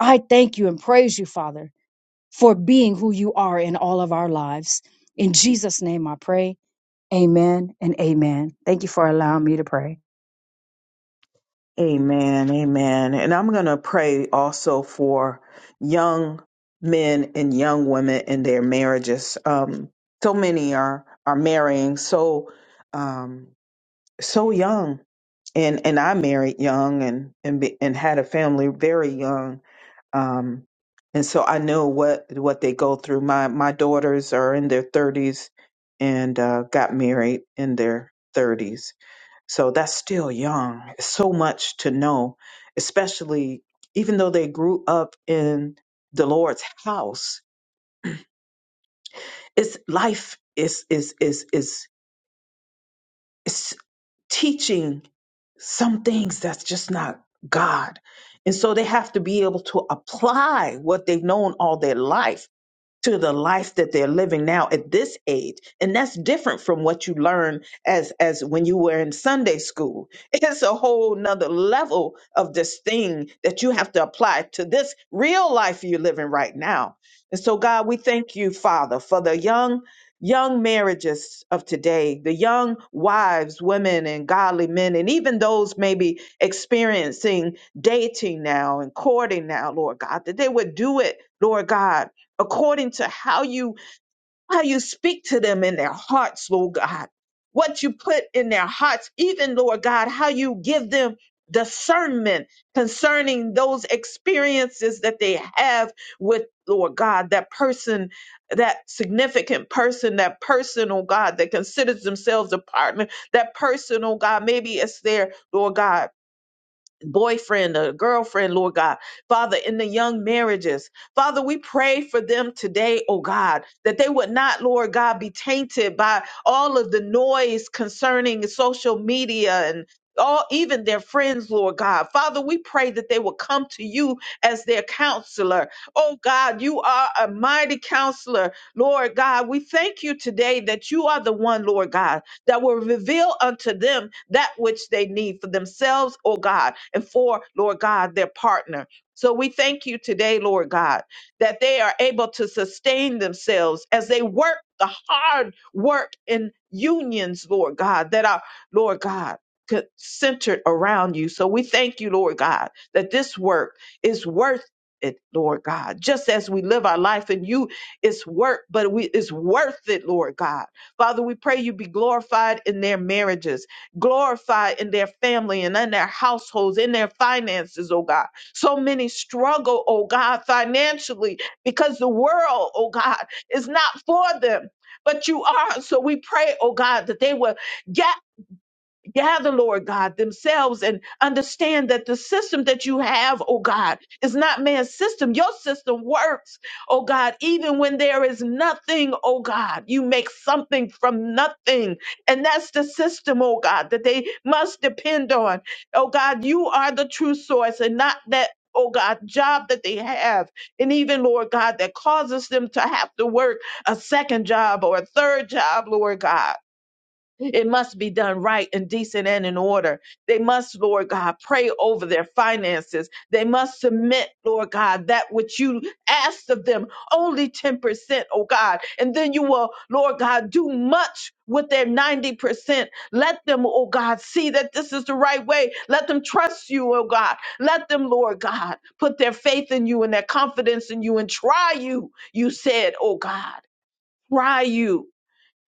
Speaker 4: I thank you and praise you, Father, for being who you are in all of our lives. In Jesus' name I pray. Amen and amen. Thank you for allowing me to pray.
Speaker 1: Amen. Amen. And I'm going to pray also for young men and young women in their marriages. Um, so many are are marrying so um, so young, and and I married young and and be, and had a family very young. Um, and so I know what what they go through. My my daughters are in their thirties and uh, got married in their thirties, so that's still young. It's so much to know, especially even though they grew up in the Lord's house. It's life is is is is. teaching some things that's just not God. And so they have to be able to apply what they've known all their life to the life that they're living now at this age and that's different from what you learn as as when you were in sunday school it's a whole nother level of this thing that you have to apply to this real life you're living right now and so god we thank you father for the young young marriages of today the young wives women and godly men and even those maybe experiencing dating now and courting now lord god that they would do it lord god according to how you how you speak to them in their hearts, Lord God. What you put in their hearts, even Lord God, how you give them discernment concerning those experiences that they have with Lord God, that person, that significant person, that person, oh God, that considers themselves a partner, that person, oh God, maybe it's their Lord God boyfriend or girlfriend, Lord God. Father, in the young marriages, Father, we pray for them today, oh God, that they would not, Lord God, be tainted by all of the noise concerning social media and all even their friends, Lord God. Father, we pray that they will come to you as their counselor. Oh God, you are a mighty counselor, Lord God. We thank you today that you are the one, Lord God, that will reveal unto them that which they need for themselves, oh God, and for, Lord God, their partner. So we thank you today, Lord God, that they are able to sustain themselves as they work the hard work in unions, Lord God, that are, Lord God, co- centered around you. So we thank you, Lord God, that this work is worth it, Lord God, just as we live our life and you, it's work, but we, it's worth it, Lord God Father, we pray you be glorified in their marriages, glorified in their family and in their households, in their finances, oh God. So many struggle, oh God, financially because the world, oh God, is not for them. But you are. So we pray, oh God, that they will get gather, Lord God, themselves and understand that the system that you have, oh God, is not man's system. Your system works, oh God, even when there is nothing, oh God. You make something from nothing. And that's the system, oh God, that they must depend on. Oh God, you are the true source and not that. Oh God, job that they have, and even Lord God, that causes them to have to work a second job or a third job, Lord God. It must be done right and decent and in order. They must, Lord God, pray over their finances. They must submit, Lord God, that which you asked of them, only 10%, oh God. And then you will, Lord God, do much with their 90%. Let them, oh God, see that this is the right way. Let them trust you, oh God. Let them, Lord God, put their faith in you and their confidence in you and try you, you said, oh God. Try you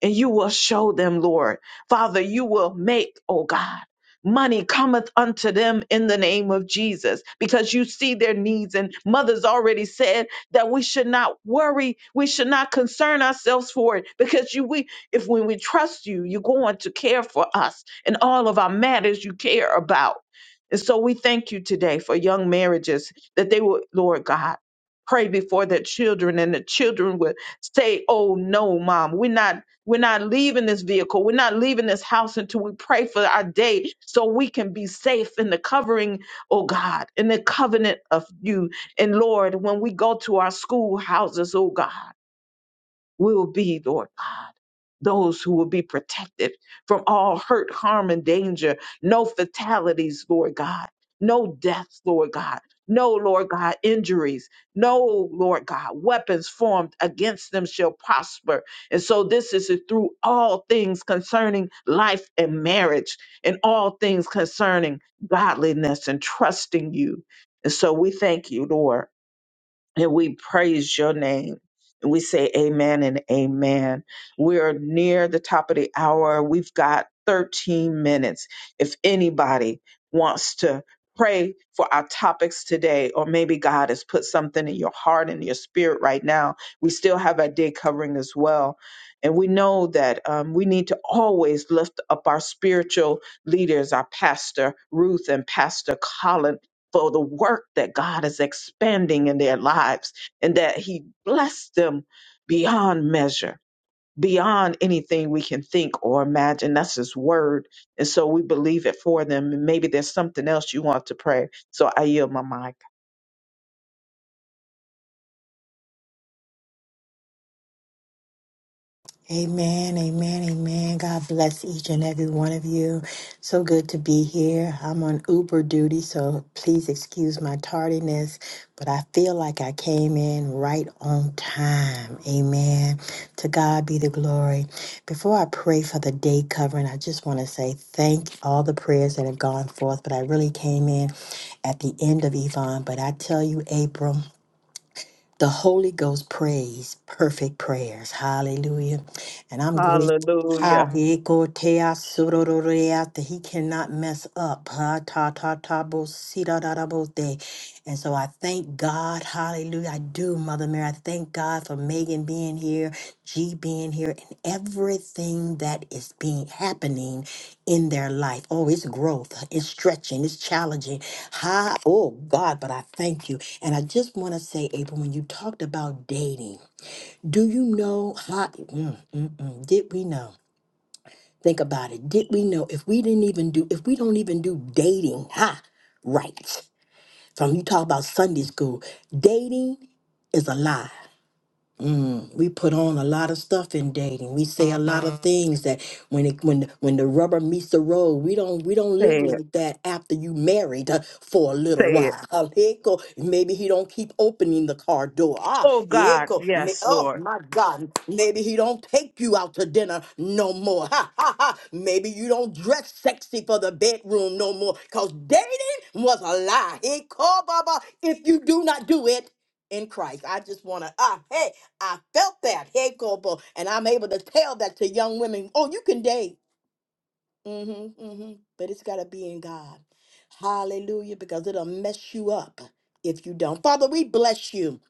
Speaker 1: and you will show them, Lord. Father, you will make, oh God. Money cometh unto them in the name of Jesus because you see their needs. And mothers already said that we should not worry, we should not concern ourselves for it because you, we, if when we trust you, you're going to care for us and all of our matters you care about. And so we thank you today for young marriages that they would, Lord God, pray before their children and the children would say, Oh, no, mom, we're not we're not leaving this vehicle. We're not leaving this house until we pray for our day so we can be safe in the covering, oh God, in the covenant of you. And Lord, when we go to our schoolhouses, oh God we will be, Lord God, those who will be protected from all hurt, harm, and danger. No fatalities, Lord God. No deaths, Lord God. No, Lord God, injuries. No, Lord God, weapons formed against them shall prosper. And so this is through all things concerning life and marriage and all things concerning godliness and trusting you. And so we thank you, Lord. And we praise your name. And we say amen and amen. We're near the top of the hour. We've got 13 minutes. If anybody wants to pray for our topics today, or maybe God has put something in your heart and your spirit right now, we still have our day covering as well. And we know that um, we need to always lift up our spiritual leaders, our pastor Ruth and Pastor Colin for the work that God is expanding in their lives and that He blessed them beyond measure, beyond anything we can think or imagine. That's His word. And so we believe it for them. And maybe there's something else you want to pray. So I yield my mic.
Speaker 6: Amen, amen, amen. God bless each and every one of you. So good to be here. I'm on Uber duty, so please excuse my tardiness, but I feel like I came in right on time. Amen. To God be the glory. Before I pray for the day covering, I just want to say thank all the prayers that have gone forth, but I really came in at the end of Yvonne. But I tell you, April. The Holy Ghost prays perfect prayers. Hallelujah. And I'm grateful. Ah,
Speaker 1: Hallelujah.
Speaker 6: He ko te a He cannot mess up. Ha ta ta ta bo si da da da bo de. And so I thank God. Hallelujah. I do, Mother Mary. I thank God for Megan being here, G being here, and everything that is being happening in their life. Oh, it's growth, it's stretching, it's challenging. Hi, oh God, but I thank you. And I just want to say, April, when you talked about dating, do you know how mm, mm, mm, did we know? Think about it. Did we know if we didn't even do if we don't even do dating, ha, right. From you talk about Sunday school, dating is a lie on. We put on a lot of stuff in dating. We say a lot of things that when it when when the rubber meets the road, we don't we don't live
Speaker 1: Say it.
Speaker 6: like that after you married uh, for a little
Speaker 1: Say it.
Speaker 6: while. Eko, Maybe he don't keep opening the car door. Ah,
Speaker 1: Oh, God.
Speaker 6: eko, may-
Speaker 1: Yes,
Speaker 6: oh
Speaker 1: Lord.
Speaker 6: my God. Maybe he don't take you out to dinner no more. Ha ha ha. Maybe you don't dress sexy for the bedroom no more. Cause dating was a lie. Eko, Baba, if you do not do it in Christ. I just want to, ah, hey, I felt that, hey, Corporal, and I'm able to tell that to young women. Oh, you can date. Mm-hmm, mm-hmm. But it's got to be in God. Hallelujah, because it'll mess you up if you don't. Father, we bless you.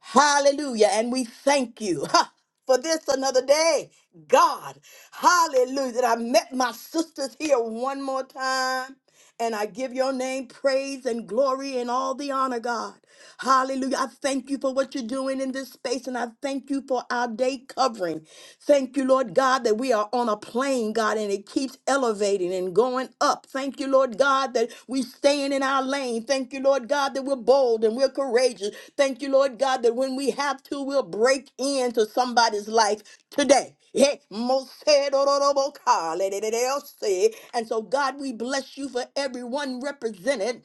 Speaker 6: Hallelujah. And we thank you ha, for this another day. God, hallelujah. That I met my sisters here one more time. And I give your name praise and glory and all the honor, God. Hallelujah. I thank you for what you're doing in this space. And I thank you for our day covering. Thank you, Lord God, that we are on a a plane, God, and it keeps elevating and going up. Thank you, Lord God, that we staying in our lane. Thank you, Lord God, that we're bold and we're courageous. Thank you, Lord God, that when we have to, we'll break into somebody's life today. Yeah, And so, God, we bless you for everyone represented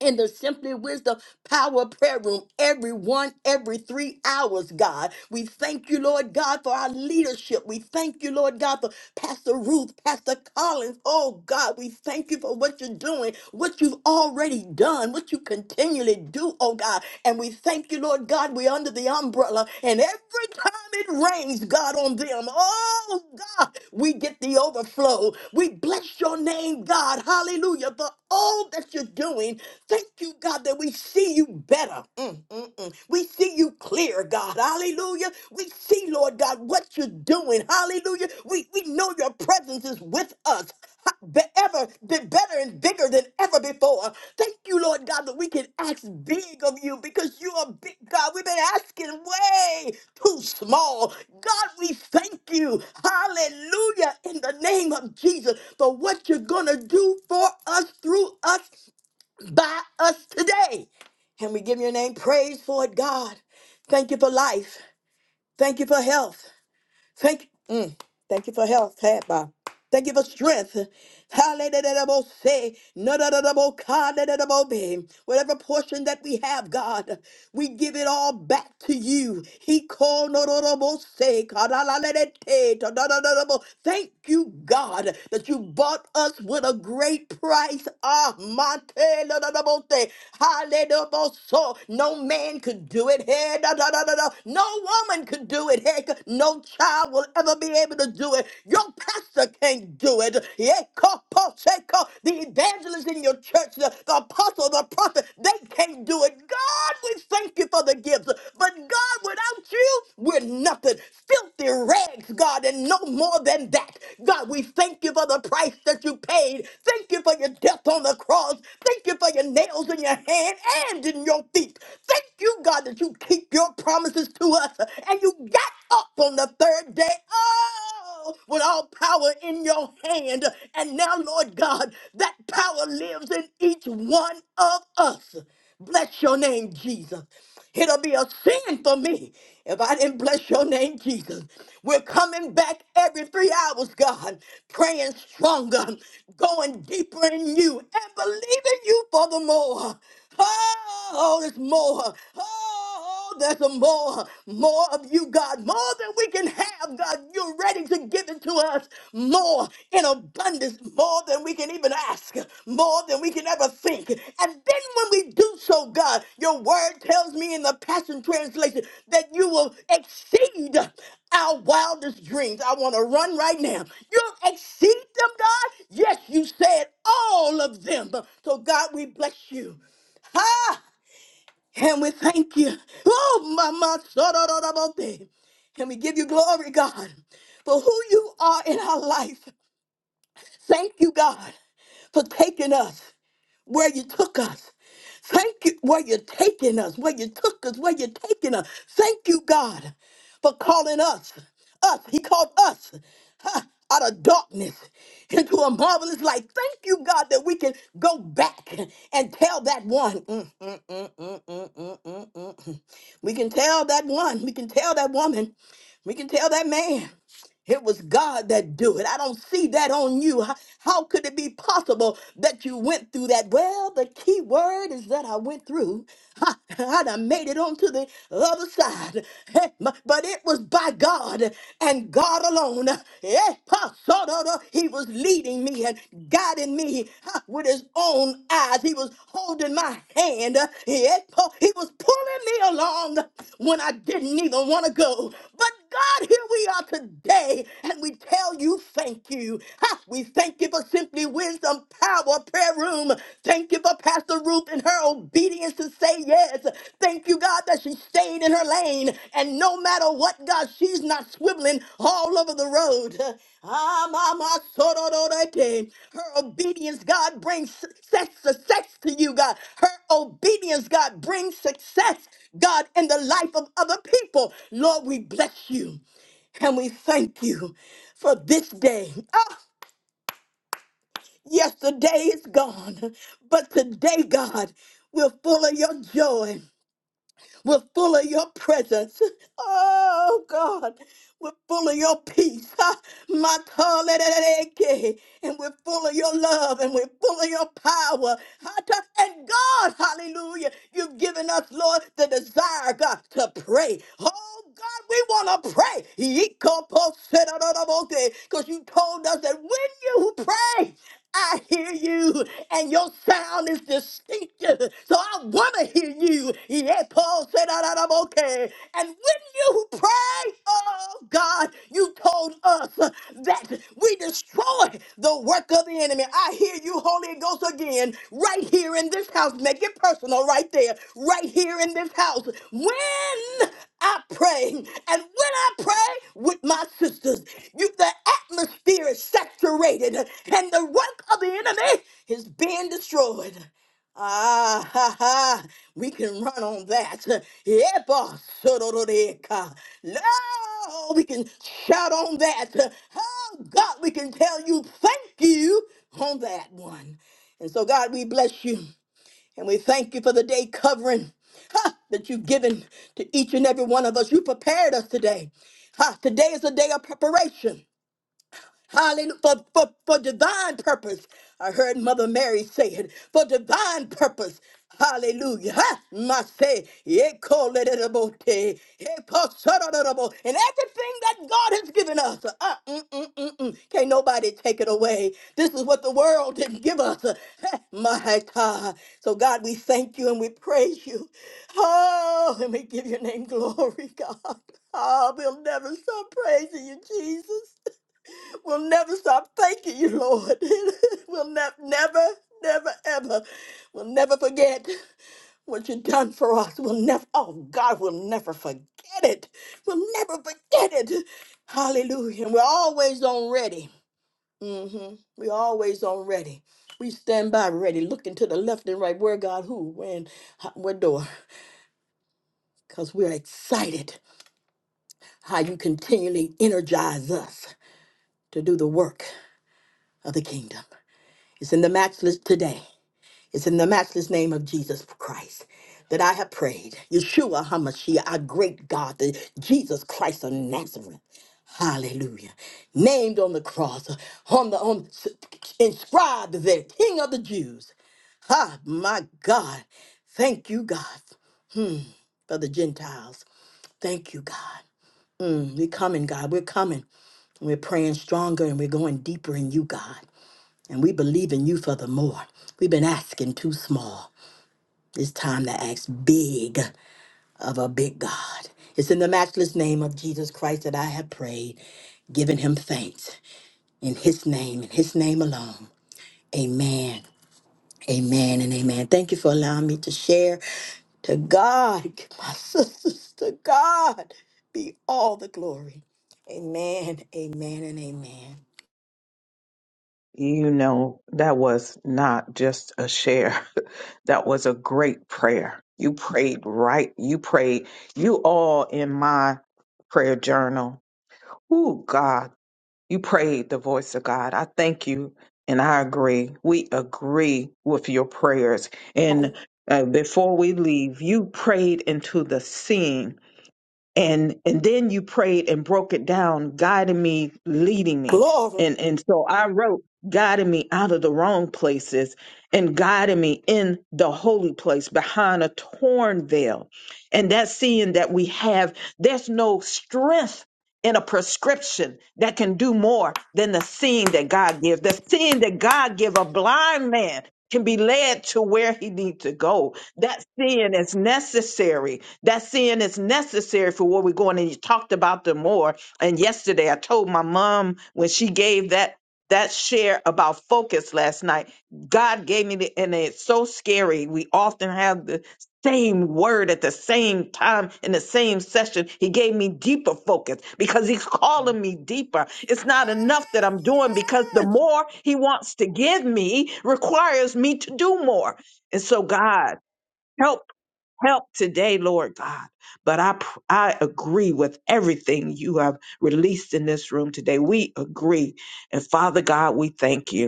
Speaker 6: in the Simply Wisdom Power Prayer Room every one, every three hours, God. We thank you, Lord God, for our leadership. We thank you, Lord God, for Pastor Ruth, Pastor Collins. Oh, God, we thank you for what you're doing, what you've already done, what you continually do, oh, God. And we thank you, Lord God, we're under the umbrella. And every time it rains, God, on them, oh, God, we get the overflow. We bless your name, God. Hallelujah. For all that you're doing. Thank you, God, that we see you better. Mm, mm, mm. We see you clear, God. Hallelujah. We see, Lord God, what you're doing. Hallelujah. We, we know your presence is with us. Ha- be- Ever be better and bigger than ever before. Thank you, Lord God, that we can ask big of you because you are big, God. We've been asking way too small. God, we thank you. Hallelujah. In the name of Jesus for what you're going to do for us, through us, by us today. And we give your name praise for it, God. Thank you for life. Thank you for health. Thank you. Mm. Thank you for health, Pat. Thank you for strength. Hallelujah. Say, no, no, no, no, no, God, no, no, no, no, babe. Whatever portion that we have, God, we give it all back to you. He called, no, no, no, no, say, God, la, la, la, la, te, ta, no, no, no, no, no, Thank you, God, that you bought us with a great price. Ah, mate, no, no, no, no, te. Hallelujah. So no man could do it. Hey, no, no, no, no, no, No woman could do it. Heck, no child will will ever be able to do it. Your pastor can't do it. Yeah, call, call, say, call. The evangelists in your church, the, the apostle, the prophet, they can't do it. God, we thank you for the gifts. But God, without you, we're nothing. Filthy rags, God, and no more than that. God, we thank you for the price that you paid. Thank you for your death on the cross. Thank you for your nails in your hand and in your feet. Thank you, God, that you keep your promises to us and you got up on the third day. Oh, with all power in your hand. And now, Lord God, that power lives in each one of us. Bless your name, Jesus. It'll be a sin for me if I didn't bless your name, Jesus. We're coming back every three hours, God, praying stronger, going deeper in you, and believing you for the more. Oh, there's more. Oh, Oh, there's a more, more of you, God, more than we can have, God. You're ready to give it to us more in abundance, more than we can even ask, more than we can ever think. And then when we do so, God, your word tells me in the Passion Translation that you will exceed our wildest dreams. I want to run right now. You'll exceed them, God? Yes, you said all of them. So, God, we bless you. Ha. And we thank you. Oh, Mama, sorororobote. and we give you glory, God, for who you are in our life. Thank you, God, for taking us where you took us. Thank you where you're taking us, where you took us, where you're taking us. Thank you, God, for calling us, us. He called us huh, out of darkness into a marvelous light. Thank you, God, that we can go back and tell that one. mm, mm, mm, mm, mm, mm, mm, mm. mm. We can tell that one. We can tell that woman. We can tell that man. It was God that do it. I don't see that on you. How, how could it be possible that you went through that? Well, the key word is that I went through. Ha, and I made it onto the other side. Heh, m- But it was by God and God alone. Eh, ha, so do do. He was leading me and guiding me ha, with his own eyes. He was holding my hand. Eh, ha, He was pulling me along when I didn't even want to go. But. God, here we are today, and we tell you thank you. Ha, we thank you for Simply Wisdom Power Prayer Room. Thank you for Pastor Ruth and her obedience to say yes. Thank you, God, that she stayed in her lane, and no matter what, God, she's not swiveling all over the road. Ah, ma, ma, so, do, do, do, de. Her obedience, God, brings success, success to you, God. Her obedience, God, brings success. God, in the life of other people. Lord, we bless you and we thank you for this day. Ah, yesterday is gone, but today, God, we're full of your joy. We're full of your presence. Oh God, we're full of your peace. my tolerereke. And we're full of your love and we're full of your power. Ha, And God, hallelujah, you've given us, Lord, the desire, God, to pray. Oh God, we want to pray. Because you told us that when you pray, I hear you, and your sound is distinctive. So I want to hear you. Yeah, Paul said that I'm okay. And when you pray, oh God, you told us that we destroy the work of the enemy. I hear you, Holy Ghost, again, right here in this house. Make it personal right there, right here in this house. When I pray, and when I pray with my sisters, you the atmosphere is saturated and the work of the enemy is being destroyed. Ah, ha, ha. we can run on that. Yeah, boss. Sororeka. No, we can shout on that. Oh, God, we can tell you thank you on that one. And so, God, we bless you and we thank you for the day covering ha, that you've given to each and every one of us. You prepared us today. Ha, today is a day of preparation. Hallelujah. For, for, for divine purpose. I heard Mother Mary say it. For divine purpose. Hallelujah. Ha! Mase, yekolelelebote, yekosorororobo. And everything that God has given us, uh, mm, mm, mm, mm, mm. can't nobody take it away. This is what the world didn't give us. Heh, My God. So, God, we thank you and we praise you. Oh, and we give your name glory, God. Oh, we'll never stop praising you, Jesus. We'll never stop thanking you, Lord. we'll never, never, never, ever, we'll never forget what you've done for us. We'll never, oh God, we'll never forget it. We'll never forget it. Hallelujah. And we're always on ready. mm hmm We're always on ready. We stand by ready, looking to the left and right, where God, who, when, how- what door, because we're excited how you continually energize us to do the work of the kingdom. It's in the matchless today. It's in the matchless name of Jesus Christ that I have prayed. Yeshua HaMashiach, our great God, the Jesus Christ of Nazareth. Hallelujah. Named on the cross, on the on inscribed there, King of the Jews. Ha, my God. Thank you, God, for the Gentiles. Thank you, God. Mm, we're coming, God. We're coming. We're praying stronger and we're going deeper in you, God and we believe in you for the more. We've been asking too small. It's time to ask big of a big God. It's in the matchless name of Jesus Christ that I have prayed, giving him thanks in his name, in his name alone. Amen, amen, and amen. Thank you for allowing me to share. To God, my sisters, to God be all the glory. Amen, amen, and amen.
Speaker 1: You know, that was not just a share. That was a great prayer. You prayed right. You prayed. You all in my prayer journal. Oh, God, you prayed the voice of God. I thank you and I agree. We agree with your prayers. And uh, before we leave, you prayed into the seeing and and then you prayed and broke it down guiding me leading me
Speaker 6: Glory.
Speaker 1: and and so i wrote guiding me out of the wrong places and guiding me in the holy place behind a torn veil and that's seeing that we have there's no strength in a prescription that can do more than the seeing that god gives the seeing that god give a blind man can be led to where he needs to go that seeing is necessary that sin is necessary for where we're going, and you talked about them more. And yesterday, I told my mom when she gave that that share about focus last night. God gave me the, and it's so scary. We often have the same word at the same time in the same session. He gave me deeper focus because he's calling me deeper. It's not enough that I'm
Speaker 6: Yes.
Speaker 1: doing because the
Speaker 6: Yes.
Speaker 1: more he wants to give me requires me to do more. And so, God. Help help today, Lord God. But I pr- I agree with everything you have released in this room today. We agree. And Father God, we thank you.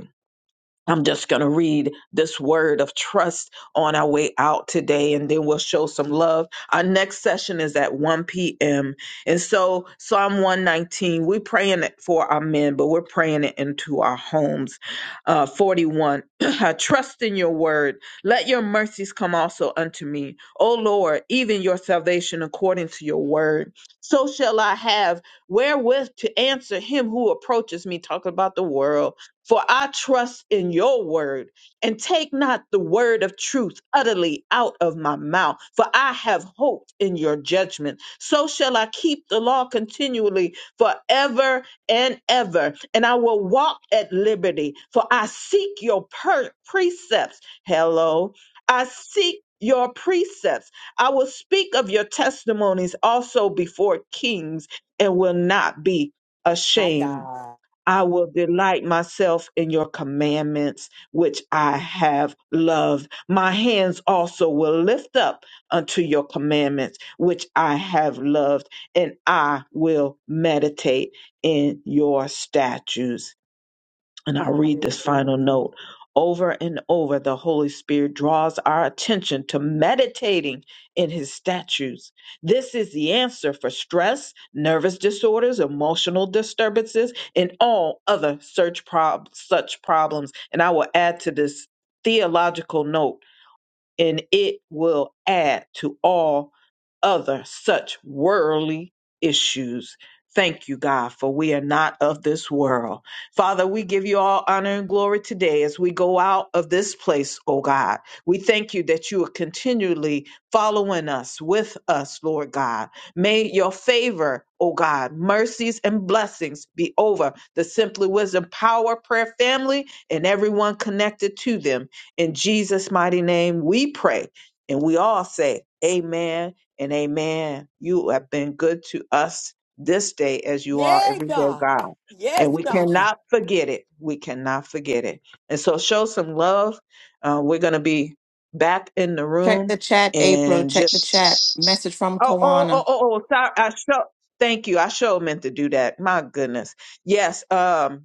Speaker 1: I'm just going to read this word of trust on our way out today, and then we'll show some love. Our next session is at 1 p.m. And so, Psalm 119, we're praying it for our men, but we're praying it into our homes. Uh, 41, I trust in your word. Let your mercies come also unto me. O Lord, even your salvation according to your word. So shall I have wherewith to answer him who approaches me, talking about the world. For I trust in your word, and take not the word of truth utterly out of my mouth, for I have hoped in your judgment. So shall I keep the law continually forever and ever, and I will walk at liberty, for I seek your per- precepts. Hello. I seek your precepts. I will speak of your testimonies also before kings and will not be
Speaker 6: My
Speaker 1: ashamed.
Speaker 6: God.
Speaker 1: I will delight myself in your commandments, which I have loved. My hands also will lift up unto your commandments, which I have loved, and I will meditate in your statutes. And I'll read this final
Speaker 6: Hallelujah.
Speaker 1: note. Over and over, the Holy Spirit draws our attention to meditating in His statutes. This is the answer for stress, nervous disorders, emotional disturbances, and all other search prob- such problems. And I will add to this theological note and it will add to all other such worldly issues. Thank you, God, for we are not of this world. Father, we give you all honor and glory today as we go out of this place, oh God. We thank you that you are continually following us, with us, Lord God. May your favor, oh God, mercies and blessings be over the Simply Wisdom Power Prayer family and everyone connected to them. In Jesus' mighty name, we pray. And we all say, Amen and Amen. You have been good to us this day as you are
Speaker 6: Yay,
Speaker 1: every day,
Speaker 6: God.
Speaker 1: God. And
Speaker 6: Yes,
Speaker 1: we
Speaker 6: God.
Speaker 1: cannot forget it. We cannot forget it. And so show some love. Uh, we're going to be back in the
Speaker 5: Check
Speaker 1: room
Speaker 5: the chat, April.
Speaker 1: and
Speaker 5: Check the chat.
Speaker 1: just.
Speaker 5: Message from
Speaker 1: Oh, oh,
Speaker 5: Kawana.
Speaker 1: oh, oh, oh, sorry. I show. Thank you. I sure meant to do that. My goodness. Yes. Um.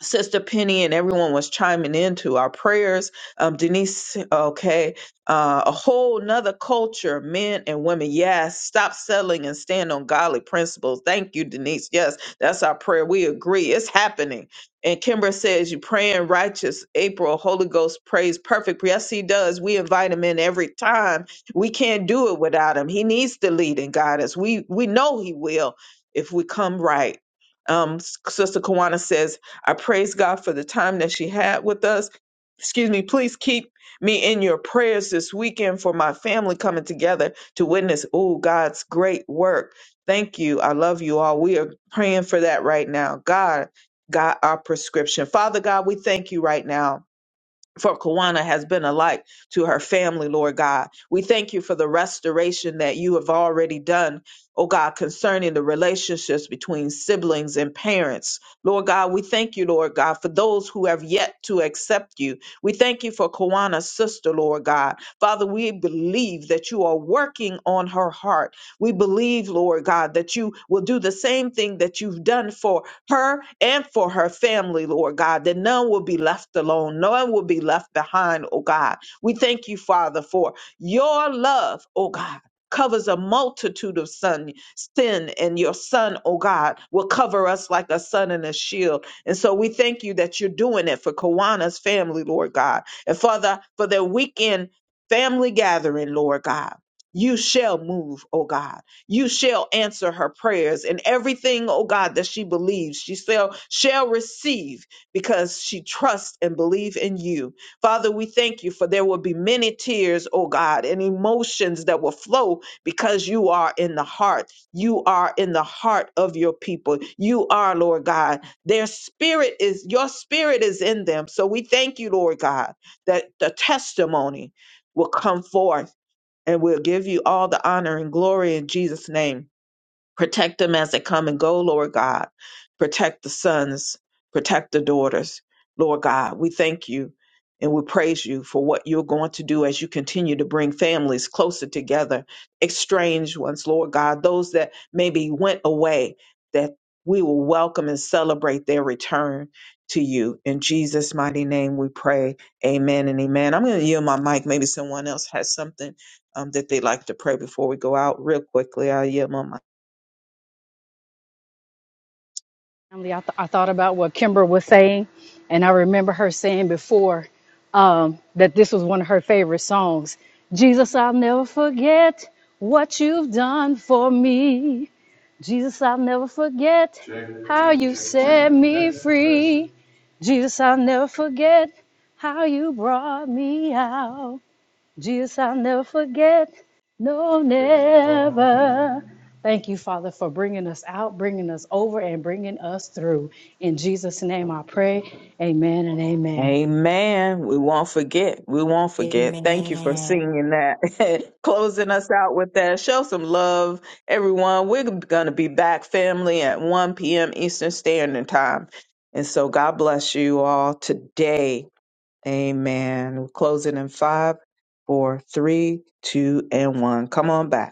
Speaker 1: Sister Penny and everyone was chiming into our prayers. Um, Denise, okay, uh, a whole nother culture, men and women. Yes, stop settling and stand on godly principles. Thank you, Denise. Yes, that's our prayer. We agree. It's happening. And Kimber says, you praying righteous. April, Holy Ghost prays perfect. Yes, he does. We invite him in every time. We can't do it without him. He needs to lead and guide us. We we know he will if we come right. Um, Sister Kawana says. I praise God for the time that she had with us. Excuse me, please keep me in your prayers this weekend for my family coming together to witness, oh, God's great work. Thank you. I love you all. We are praying for that right now. God, God, our prescription. Father God, we thank you right now for Kawana has been a light to her family, Lord God. We thank you for the restoration that you have already done, oh God, concerning the relationships between siblings and parents. Lord God, we thank you, Lord God, for those who have yet to accept you. We thank you for Kawana's sister, Lord God. Father, we believe that you are working on her heart. We believe, Lord God, that you will do the same thing that you've done for her and for her family, Lord God, that none will be left alone, none will be left behind, oh God. We thank you, Father, for your love, oh God. Covers a multitude of son, sin, and your son, oh God, will cover us like a sun and a shield. And so we thank you that you're doing it for Kawana's family, Lord God, and Father, for their weekend family gathering, Lord God. You shall move, oh God you shall answer her prayers and everything, oh God, that she believes, she shall, shall receive because she trusts and believe in you. Father, we thank you for there will be many tears, oh God, and emotions that will flow because you are in the heart. You are in the heart of your people. You are, Lord God. Their spirit is, your spirit is in them. So we thank you, Lord God, that the testimony will come forth and we'll give you all the honor and glory in Jesus' name. Protect them as they come and go, Lord God. Protect the sons, protect the daughters, Lord God. We thank you and we praise you for what you're going to do as you continue to bring families closer together, estranged ones, Lord God, those that maybe went away, that we will welcome and celebrate their return to you. In Jesus' mighty name we pray. Amen and amen. I'm going to yield my mic. Maybe someone else has something um, that they'd like to pray before we go out. Real quickly, I'll yield my mic.
Speaker 4: family, I, th- I thought about what Kimber was saying, and I remember her saying before um, that this was one of her favorite songs. Jesus, I'll never forget what you've done for me. Jesus, I'll never forget how you set me free. Jesus, I'll never forget how you brought me out. Jesus, I'll never forget. No, never. Thank you, Father, for bringing us out, bringing us over, and bringing us through. In Jesus' name I pray. Amen and amen.
Speaker 1: Amen. We won't forget. We won't forget. Thank you for
Speaker 6: Amen.
Speaker 1: singing that. Closing us out with that. Show some love, everyone. We're going to be back, family, at 1 p.m. Eastern Standard Time. And so God bless you all today. Amen. We're closing in five, four, three, two, and one. Come on back.